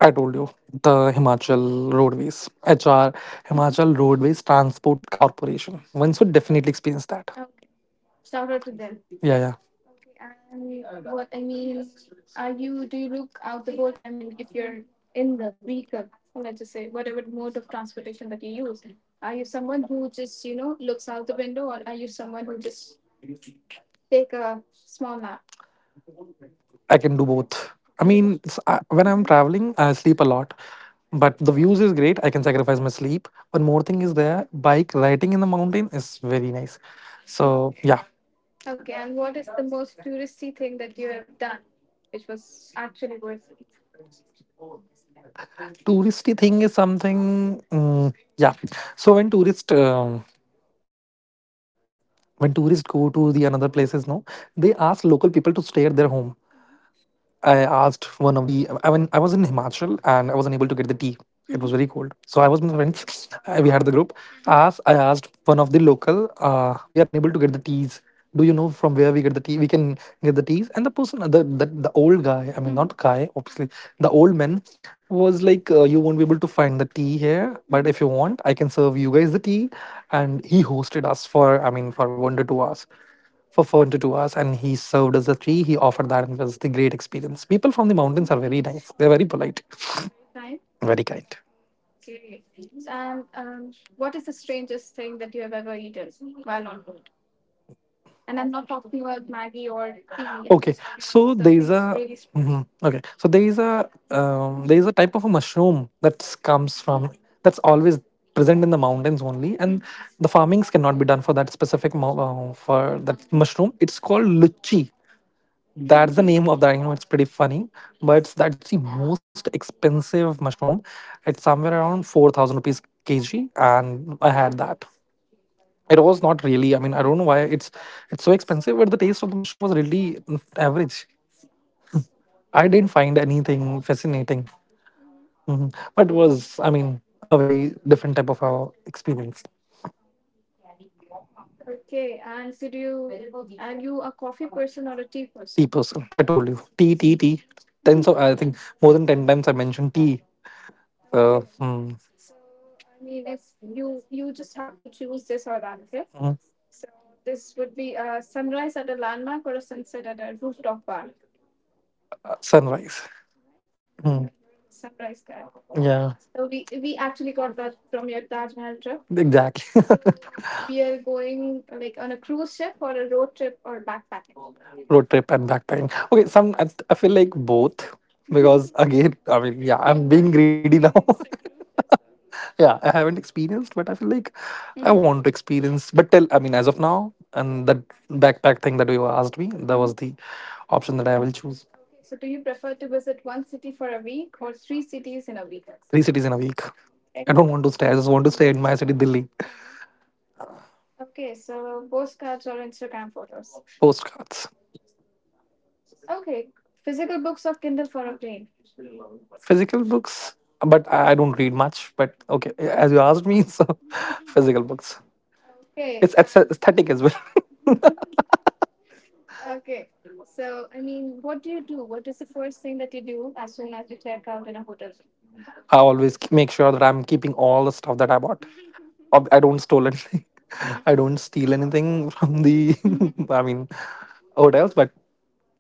[SPEAKER 2] I told you, the Himachal Roadways, HR,
[SPEAKER 1] Mhm.
[SPEAKER 2] Himachal Roadways Transport Corporation. One should definitely experience that.
[SPEAKER 1] Oh, okay. Shout out to them.
[SPEAKER 2] Yeah, yeah.
[SPEAKER 1] Okay, and what, I mean, are you, do you look out the whole time when, if you're in the vehicle, or let's just say whatever mode of transportation that you use, are you someone who just, you know, looks out the window, or are you someone who just take a small nap?
[SPEAKER 2] I can do both.
[SPEAKER 1] You
[SPEAKER 2] I
[SPEAKER 1] can do
[SPEAKER 2] mean,
[SPEAKER 1] both.
[SPEAKER 2] it's, I, when I'm
[SPEAKER 1] Mhm.
[SPEAKER 2] traveling, I sleep a lot, but the views is great. I can sacrifice my sleep. One more thing is there, bike riding in the mountain is
[SPEAKER 1] Is
[SPEAKER 2] very
[SPEAKER 1] very
[SPEAKER 2] nice.
[SPEAKER 1] nice. So,
[SPEAKER 2] So
[SPEAKER 1] okay.
[SPEAKER 2] yeah,
[SPEAKER 1] Yeah. Okay, and what is the most touristy thing that you have done which was actually worth it?
[SPEAKER 2] touristy
[SPEAKER 1] Touristy
[SPEAKER 2] thing
[SPEAKER 1] thing
[SPEAKER 2] is
[SPEAKER 1] is something.
[SPEAKER 2] something. Mm,
[SPEAKER 1] Mm,
[SPEAKER 2] yeah.
[SPEAKER 1] yeah. So
[SPEAKER 2] So
[SPEAKER 1] when
[SPEAKER 2] when tourists go to the another places, no, they ask local people to
[SPEAKER 1] you
[SPEAKER 2] stay
[SPEAKER 1] stay
[SPEAKER 2] at
[SPEAKER 1] at their
[SPEAKER 2] their
[SPEAKER 1] home,
[SPEAKER 2] home. I
[SPEAKER 1] I
[SPEAKER 2] asked
[SPEAKER 1] asked
[SPEAKER 2] one
[SPEAKER 1] one
[SPEAKER 2] of
[SPEAKER 1] of
[SPEAKER 2] the,
[SPEAKER 1] the.
[SPEAKER 2] I mean, I
[SPEAKER 1] I
[SPEAKER 2] was
[SPEAKER 1] was in
[SPEAKER 2] in
[SPEAKER 1] Himachal
[SPEAKER 2] Himachal, and
[SPEAKER 1] and
[SPEAKER 2] I
[SPEAKER 1] I
[SPEAKER 2] wasn't
[SPEAKER 1] wasn't
[SPEAKER 2] able
[SPEAKER 1] able
[SPEAKER 2] to
[SPEAKER 1] to
[SPEAKER 2] get
[SPEAKER 1] get
[SPEAKER 2] the
[SPEAKER 1] the tea.
[SPEAKER 2] tea.
[SPEAKER 1] Mm-hmm. It
[SPEAKER 2] It
[SPEAKER 1] was,
[SPEAKER 2] was
[SPEAKER 1] Mm-hmm,
[SPEAKER 2] very
[SPEAKER 1] very cold.
[SPEAKER 2] cold. So
[SPEAKER 1] So
[SPEAKER 2] I
[SPEAKER 1] I was
[SPEAKER 2] was with
[SPEAKER 1] in
[SPEAKER 2] my friends.
[SPEAKER 1] friends.
[SPEAKER 2] *laughs* *sniffs* We
[SPEAKER 1] We
[SPEAKER 2] had
[SPEAKER 1] had
[SPEAKER 2] the
[SPEAKER 1] the
[SPEAKER 2] group.
[SPEAKER 1] group.
[SPEAKER 2] I
[SPEAKER 1] Mm-hmm.
[SPEAKER 2] asked, I
[SPEAKER 1] I asked
[SPEAKER 2] asked one
[SPEAKER 1] one
[SPEAKER 2] of
[SPEAKER 1] of the
[SPEAKER 2] the
[SPEAKER 1] local.
[SPEAKER 2] local,
[SPEAKER 1] Uh,
[SPEAKER 2] we are
[SPEAKER 1] we are
[SPEAKER 2] unable
[SPEAKER 1] unable
[SPEAKER 2] to
[SPEAKER 1] to
[SPEAKER 2] get
[SPEAKER 1] get
[SPEAKER 2] the
[SPEAKER 1] the tea.
[SPEAKER 2] teas. Do
[SPEAKER 1] Do
[SPEAKER 2] you
[SPEAKER 1] you know
[SPEAKER 2] know
[SPEAKER 1] from
[SPEAKER 2] from where
[SPEAKER 1] where
[SPEAKER 2] we
[SPEAKER 1] we
[SPEAKER 2] get
[SPEAKER 1] get
[SPEAKER 2] the
[SPEAKER 1] the
[SPEAKER 2] tea?
[SPEAKER 1] tea?
[SPEAKER 2] We
[SPEAKER 1] We can
[SPEAKER 2] can get
[SPEAKER 1] get
[SPEAKER 2] the
[SPEAKER 1] the tea.
[SPEAKER 2] teas. And
[SPEAKER 1] And
[SPEAKER 2] the
[SPEAKER 1] the
[SPEAKER 2] person,
[SPEAKER 1] person,
[SPEAKER 2] the
[SPEAKER 1] the,
[SPEAKER 2] the,
[SPEAKER 1] the,
[SPEAKER 2] the
[SPEAKER 1] the
[SPEAKER 2] old
[SPEAKER 1] old guy,
[SPEAKER 2] guy, I mean,
[SPEAKER 1] Mm-hmm, not
[SPEAKER 2] not
[SPEAKER 1] guy,
[SPEAKER 2] guy, obviously,
[SPEAKER 1] Mm-hmm,
[SPEAKER 2] the
[SPEAKER 1] the
[SPEAKER 2] old
[SPEAKER 1] old man
[SPEAKER 2] man was
[SPEAKER 1] was
[SPEAKER 2] like,
[SPEAKER 1] like,
[SPEAKER 2] you
[SPEAKER 1] you
[SPEAKER 2] won't
[SPEAKER 1] won't
[SPEAKER 2] be
[SPEAKER 1] be able
[SPEAKER 2] able to
[SPEAKER 1] to find
[SPEAKER 2] find the
[SPEAKER 1] the
[SPEAKER 2] tea
[SPEAKER 1] tea there?
[SPEAKER 2] here,
[SPEAKER 1] Mm-hmm.
[SPEAKER 2] but
[SPEAKER 1] But
[SPEAKER 2] if
[SPEAKER 1] if
[SPEAKER 2] you
[SPEAKER 1] you want,
[SPEAKER 2] want, I
[SPEAKER 1] I
[SPEAKER 2] can
[SPEAKER 1] can serve
[SPEAKER 2] serve you
[SPEAKER 1] you
[SPEAKER 2] guys
[SPEAKER 1] with
[SPEAKER 2] the
[SPEAKER 1] the
[SPEAKER 2] tea.
[SPEAKER 1] tea. And
[SPEAKER 2] And he
[SPEAKER 1] he
[SPEAKER 2] hosted
[SPEAKER 1] hosted
[SPEAKER 2] us for, I
[SPEAKER 1] us
[SPEAKER 2] mean,
[SPEAKER 1] for
[SPEAKER 2] for one
[SPEAKER 1] one
[SPEAKER 2] to
[SPEAKER 1] to
[SPEAKER 2] two
[SPEAKER 1] two
[SPEAKER 2] hours
[SPEAKER 1] hours
[SPEAKER 2] for four
[SPEAKER 1] afford
[SPEAKER 2] to
[SPEAKER 1] the tour
[SPEAKER 2] two hours
[SPEAKER 1] and
[SPEAKER 2] and he
[SPEAKER 1] he
[SPEAKER 2] served
[SPEAKER 1] served
[SPEAKER 2] us
[SPEAKER 1] as
[SPEAKER 2] a
[SPEAKER 1] a free,
[SPEAKER 2] tree. He
[SPEAKER 1] he
[SPEAKER 2] offered
[SPEAKER 1] offered
[SPEAKER 2] that,
[SPEAKER 1] that
[SPEAKER 2] and it was
[SPEAKER 1] as
[SPEAKER 2] the
[SPEAKER 1] the a
[SPEAKER 2] great
[SPEAKER 1] great
[SPEAKER 2] experience.
[SPEAKER 1] experience.
[SPEAKER 2] People
[SPEAKER 1] People
[SPEAKER 2] from
[SPEAKER 1] from
[SPEAKER 2] the
[SPEAKER 1] the
[SPEAKER 2] mountains
[SPEAKER 1] mountains
[SPEAKER 2] are
[SPEAKER 1] are
[SPEAKER 2] very
[SPEAKER 1] very nice.
[SPEAKER 2] nice. They're
[SPEAKER 1] They're
[SPEAKER 2] very
[SPEAKER 1] very
[SPEAKER 2] polite,
[SPEAKER 1] polite. They're very kind.
[SPEAKER 2] very
[SPEAKER 1] Very
[SPEAKER 2] kind.
[SPEAKER 1] kind. Okay. So, and what is the strangest thing that you have ever eaten while on road? And I'm not talking about Maggie or tea. I'm, okay,
[SPEAKER 2] Okay,
[SPEAKER 1] just talking about
[SPEAKER 2] so
[SPEAKER 1] so,
[SPEAKER 2] there is a,
[SPEAKER 1] really strange.
[SPEAKER 2] mhm. Okay, so there is a type of a mushroom that comes from,
[SPEAKER 1] *laughs*
[SPEAKER 2] that's always present in the mountains only,
[SPEAKER 1] So
[SPEAKER 2] and the
[SPEAKER 1] that's- then *laughs*
[SPEAKER 2] farmings cannot be done for that specific for that
[SPEAKER 1] Mm-hmm.
[SPEAKER 2] mushroom.
[SPEAKER 1] Mhm.
[SPEAKER 2] It's called luchi. That's the name of that. You know, it's pretty funny,
[SPEAKER 1] But
[SPEAKER 2] but that's
[SPEAKER 1] that's
[SPEAKER 2] the
[SPEAKER 1] the most
[SPEAKER 2] most
[SPEAKER 1] experience,
[SPEAKER 2] expensive mushroom. It's somewhere around 4,000 rupees kg, and I had that. It was not really, I mean, I don't know why it's so expensive, but the taste of the mushroom was really, mm, average. I didn't find anything fascinating.
[SPEAKER 1] Mm-hmm,
[SPEAKER 2] Mhm. But it was, I mean,
[SPEAKER 1] a
[SPEAKER 2] a
[SPEAKER 1] very
[SPEAKER 2] very different type of experience.
[SPEAKER 1] experience. Okay, and could you, are you a coffee person or a tea
[SPEAKER 2] Tea
[SPEAKER 1] person?
[SPEAKER 2] person, I told you,
[SPEAKER 1] *laughs* Tea,
[SPEAKER 2] tea, tea,
[SPEAKER 1] tea.
[SPEAKER 2] tea. Tens
[SPEAKER 1] Tens of
[SPEAKER 2] of, I
[SPEAKER 1] times,
[SPEAKER 2] think more
[SPEAKER 1] more than
[SPEAKER 2] than
[SPEAKER 1] ten
[SPEAKER 2] 10 times
[SPEAKER 1] times I
[SPEAKER 2] I
[SPEAKER 1] mentioned
[SPEAKER 2] mentioned
[SPEAKER 1] tea.
[SPEAKER 2] tea. uh
[SPEAKER 1] Okay.
[SPEAKER 2] mm,
[SPEAKER 1] So, I mean, if you, you just have to choose this or that, okay?
[SPEAKER 2] mm,
[SPEAKER 1] So this would be a sunrise at a landmark or a sunset at a rooftop bar.
[SPEAKER 2] Sunrise.
[SPEAKER 1] Sunrise. Sunrise?
[SPEAKER 2] Mm.
[SPEAKER 1] Okay, you're the sunrise guy. Yeah.
[SPEAKER 2] Yeah,
[SPEAKER 1] So we actually got that from your Taj Mahal trip.
[SPEAKER 2] exactly.
[SPEAKER 1] So we are going like on a cruise ship or a road trip or backpack.
[SPEAKER 2] Road trip and backpacking. Okay, I feel like
[SPEAKER 1] *laughs*
[SPEAKER 2] both
[SPEAKER 1] *laughs*
[SPEAKER 2] because again, I mean, yeah,
[SPEAKER 1] You have
[SPEAKER 2] I'm
[SPEAKER 1] not
[SPEAKER 2] being greedy now.
[SPEAKER 1] experienced a cruise ship, sir. Yeah,
[SPEAKER 2] *laughs* Yeah,
[SPEAKER 1] I
[SPEAKER 2] I
[SPEAKER 1] haven't
[SPEAKER 2] haven't
[SPEAKER 1] experienced, but
[SPEAKER 2] experienced,
[SPEAKER 1] I,
[SPEAKER 2] but I
[SPEAKER 1] think,
[SPEAKER 2] feel like
[SPEAKER 1] mm-hmm, I, Mhm,
[SPEAKER 2] I
[SPEAKER 1] want to
[SPEAKER 2] want to
[SPEAKER 1] experience. But
[SPEAKER 2] experience.
[SPEAKER 1] tell
[SPEAKER 2] But till, I mean, as of now,
[SPEAKER 1] and that,
[SPEAKER 2] and that
[SPEAKER 1] that,
[SPEAKER 2] backpack thing that you asked me,
[SPEAKER 1] Mhm,
[SPEAKER 2] that was the option that I will choose.
[SPEAKER 1] okay, so do you prefer to visit one city for a week or three cities in a week? Three cities
[SPEAKER 2] Three
[SPEAKER 1] in a
[SPEAKER 2] cities in a
[SPEAKER 1] week.
[SPEAKER 2] week.
[SPEAKER 1] Okay. I don't
[SPEAKER 2] I
[SPEAKER 1] want
[SPEAKER 2] don't
[SPEAKER 1] to
[SPEAKER 2] want
[SPEAKER 1] stay.
[SPEAKER 2] to
[SPEAKER 1] I
[SPEAKER 2] stay.
[SPEAKER 1] just
[SPEAKER 2] I
[SPEAKER 1] want
[SPEAKER 2] just
[SPEAKER 1] to
[SPEAKER 2] want
[SPEAKER 1] stay
[SPEAKER 2] to
[SPEAKER 1] in
[SPEAKER 2] stay
[SPEAKER 1] my
[SPEAKER 2] in my
[SPEAKER 1] city,
[SPEAKER 2] city,
[SPEAKER 1] Delhi.
[SPEAKER 2] Delhi.
[SPEAKER 1] Mm-hmm. Okay, so postcards or Instagram photos. Postcards.
[SPEAKER 2] Postcards.
[SPEAKER 1] Okay, physical books or Kindle for a plane.
[SPEAKER 2] Physical books, but
[SPEAKER 1] I
[SPEAKER 2] I
[SPEAKER 1] don't
[SPEAKER 2] don't
[SPEAKER 1] read
[SPEAKER 2] read
[SPEAKER 1] much,
[SPEAKER 2] much.
[SPEAKER 1] but
[SPEAKER 2] But
[SPEAKER 1] okay.
[SPEAKER 2] okay, as you asked me, *laughs* so physical books.
[SPEAKER 1] *laughs*
[SPEAKER 2] Okay,
[SPEAKER 1] Okay.
[SPEAKER 2] it's aesthetic as well. *laughs*
[SPEAKER 1] Okay. So, I mean, what do you do? What is the first thing that you do as soon as you check out in a hotel room?
[SPEAKER 2] I always make sure that I'm keeping
[SPEAKER 1] All
[SPEAKER 2] all
[SPEAKER 1] the
[SPEAKER 2] the stuff
[SPEAKER 1] stuff that
[SPEAKER 2] that I
[SPEAKER 1] I'm
[SPEAKER 2] bought.
[SPEAKER 1] happens.
[SPEAKER 2] I don't stole anything. *laughs* I don't steal anything from the.
[SPEAKER 1] Hmm.
[SPEAKER 2] *laughs* I
[SPEAKER 1] *laughs*
[SPEAKER 2] mean, hotels, but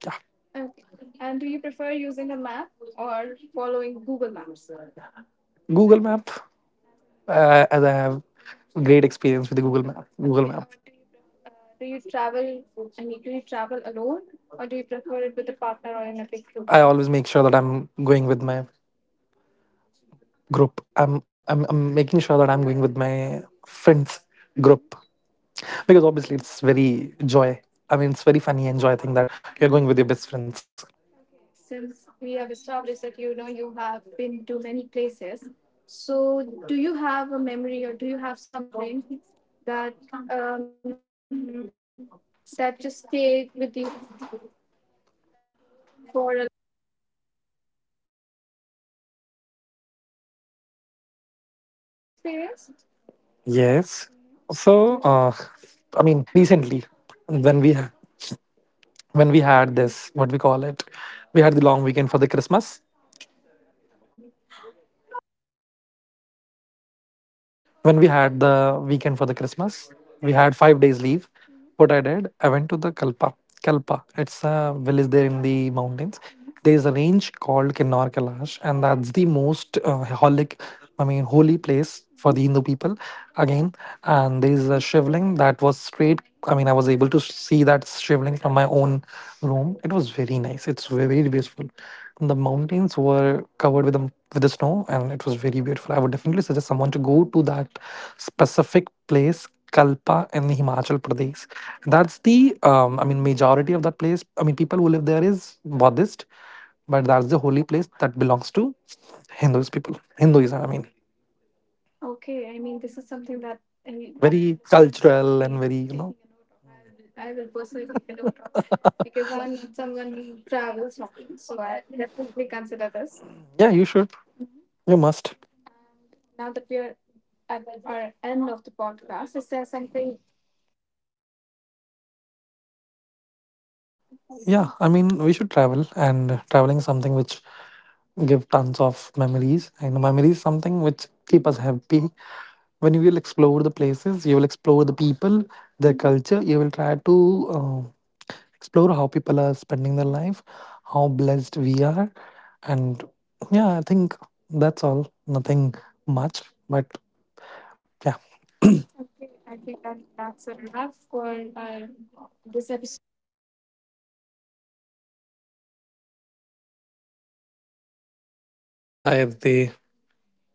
[SPEAKER 2] yeah,
[SPEAKER 1] Okay. And do you prefer using a map or following Google Maps?
[SPEAKER 2] Google Map.
[SPEAKER 1] As in,
[SPEAKER 2] As I have
[SPEAKER 1] Mhm,
[SPEAKER 2] great experience with the Google Map. Google
[SPEAKER 1] okay.
[SPEAKER 2] Map.
[SPEAKER 1] Or do you prefer? Do you travel? I mean, do you travel alone, or do you prefer it with a partner or in a big group?
[SPEAKER 2] I always make sure that I'm going with my group.
[SPEAKER 1] Group.
[SPEAKER 2] I'm
[SPEAKER 1] I'm.
[SPEAKER 2] I'm
[SPEAKER 1] I'm.
[SPEAKER 2] I'm
[SPEAKER 1] I'm
[SPEAKER 2] making sure
[SPEAKER 1] making.
[SPEAKER 2] that I'm going with my friends
[SPEAKER 1] Friends.
[SPEAKER 2] group
[SPEAKER 1] Mhm.
[SPEAKER 2] because
[SPEAKER 1] Because
[SPEAKER 2] obviously it's
[SPEAKER 1] obviously it's
[SPEAKER 2] very
[SPEAKER 1] very
[SPEAKER 2] joy.
[SPEAKER 1] joy.
[SPEAKER 2] I mean, it's
[SPEAKER 1] I mean,
[SPEAKER 2] very
[SPEAKER 1] it's
[SPEAKER 2] funny
[SPEAKER 1] very
[SPEAKER 2] and joy
[SPEAKER 1] funny and
[SPEAKER 2] thing that
[SPEAKER 1] joyful, that
[SPEAKER 2] you're going with
[SPEAKER 1] you're
[SPEAKER 2] your
[SPEAKER 1] going
[SPEAKER 2] best
[SPEAKER 1] with your
[SPEAKER 2] friends.
[SPEAKER 1] best friends. Okay, since we have established that you know you have been to many places, so do you have a memory or do you have something that, um, that just stayed with you for a long time and even, like, you feel like the travel was worth it. So do you have that experience?
[SPEAKER 2] Yes.
[SPEAKER 1] Mm-hmm. So could you?
[SPEAKER 2] So, I mean,
[SPEAKER 1] Mhm.
[SPEAKER 2] recently, when we when we had this, what we call it, we had the long weekend for the Christmas. When we had the weekend for the Christmas, we had 5 days
[SPEAKER 1] Mm-hmm.
[SPEAKER 2] leave.
[SPEAKER 1] What I did,
[SPEAKER 2] What
[SPEAKER 1] I
[SPEAKER 2] I
[SPEAKER 1] went to
[SPEAKER 2] did,
[SPEAKER 1] the
[SPEAKER 2] I went
[SPEAKER 1] Kalpa.
[SPEAKER 2] to the Kalpa.
[SPEAKER 1] Kalpa, it's
[SPEAKER 2] Kalpa,
[SPEAKER 1] a
[SPEAKER 2] it's
[SPEAKER 1] village there
[SPEAKER 2] a
[SPEAKER 1] in
[SPEAKER 2] village
[SPEAKER 1] the
[SPEAKER 2] there in
[SPEAKER 1] mountains.
[SPEAKER 2] the
[SPEAKER 1] Mm-hmm. There
[SPEAKER 2] mountains.
[SPEAKER 1] is a range
[SPEAKER 2] There's a
[SPEAKER 1] called
[SPEAKER 2] range
[SPEAKER 1] Kinnar
[SPEAKER 2] called
[SPEAKER 1] Kalpa,
[SPEAKER 2] Kinnaur
[SPEAKER 1] and that's
[SPEAKER 2] Kailash,
[SPEAKER 1] the
[SPEAKER 2] and that's
[SPEAKER 1] most
[SPEAKER 2] the most
[SPEAKER 1] holy,
[SPEAKER 2] holic,
[SPEAKER 1] holy
[SPEAKER 2] I mean,
[SPEAKER 1] place,
[SPEAKER 2] holy
[SPEAKER 1] mm-hmm, for the
[SPEAKER 2] place
[SPEAKER 1] Hindu
[SPEAKER 2] for
[SPEAKER 1] people.
[SPEAKER 2] the Hindu people.
[SPEAKER 1] Again, and
[SPEAKER 2] Again,
[SPEAKER 1] there is a
[SPEAKER 2] and there's
[SPEAKER 1] shivling
[SPEAKER 2] a
[SPEAKER 1] that was
[SPEAKER 2] shivling that
[SPEAKER 1] straight
[SPEAKER 2] was
[SPEAKER 1] coming
[SPEAKER 2] straight.
[SPEAKER 1] up.
[SPEAKER 2] I mean, I was able to see that shivling from my own room. It was very nice. It's very, very beautiful. The mountains were covered with the snow, and it was very beautiful. I would definitely suggest someone to go to that specific place, Kalpa in Himachal Pradesh. That's the, I mean, majority of that place. I mean, people who live there is Buddhist, but that's the holy place that belongs to Hindus people. Hinduism, I mean,
[SPEAKER 1] Okay, I mean this is something that our listeners
[SPEAKER 2] very
[SPEAKER 1] would be very-
[SPEAKER 2] cultural
[SPEAKER 1] taking
[SPEAKER 2] and
[SPEAKER 1] a
[SPEAKER 2] very,
[SPEAKER 1] note
[SPEAKER 2] you
[SPEAKER 1] of.
[SPEAKER 2] know.
[SPEAKER 1] I will personally take a note of,
[SPEAKER 2] *laughs*
[SPEAKER 1] because I'm not someone who travels often, so I'll definitely consider this. Yeah, you should.
[SPEAKER 2] Yeah, you
[SPEAKER 1] Mm-hmm.
[SPEAKER 2] should.
[SPEAKER 1] You must.
[SPEAKER 2] You must.
[SPEAKER 1] And now that we are at our end of the podcast, is there something that you would like to share with our listeners? Yeah, I mean,
[SPEAKER 2] Yeah, I mean, we should travel, and
[SPEAKER 1] which
[SPEAKER 2] traveling is something which give tons of memories. You know,
[SPEAKER 1] which
[SPEAKER 2] memories
[SPEAKER 1] people, mm-hmm,
[SPEAKER 2] something which
[SPEAKER 1] have.
[SPEAKER 2] keep us happy.
[SPEAKER 1] When you will explore,
[SPEAKER 2] When
[SPEAKER 1] the,
[SPEAKER 2] you will explore
[SPEAKER 1] you will
[SPEAKER 2] the
[SPEAKER 1] explore the
[SPEAKER 2] places, you will
[SPEAKER 1] people,
[SPEAKER 2] explore the
[SPEAKER 1] their, mm-hmm,
[SPEAKER 2] people,
[SPEAKER 1] culture. You
[SPEAKER 2] their
[SPEAKER 1] will,
[SPEAKER 2] culture.
[SPEAKER 1] you
[SPEAKER 2] You will
[SPEAKER 1] will
[SPEAKER 2] try to
[SPEAKER 1] explore how people are.
[SPEAKER 2] explore how people are spending their life, how blessed we are, and yeah, I think that's all. Nothing
[SPEAKER 1] But
[SPEAKER 2] much, but
[SPEAKER 1] yeah,
[SPEAKER 2] yeah.
[SPEAKER 1] okay, I think then that's a wrap for our, this episode *laughs* of Deep Dive. And thank you so much for listening. Okay, bye bye.
[SPEAKER 2] By the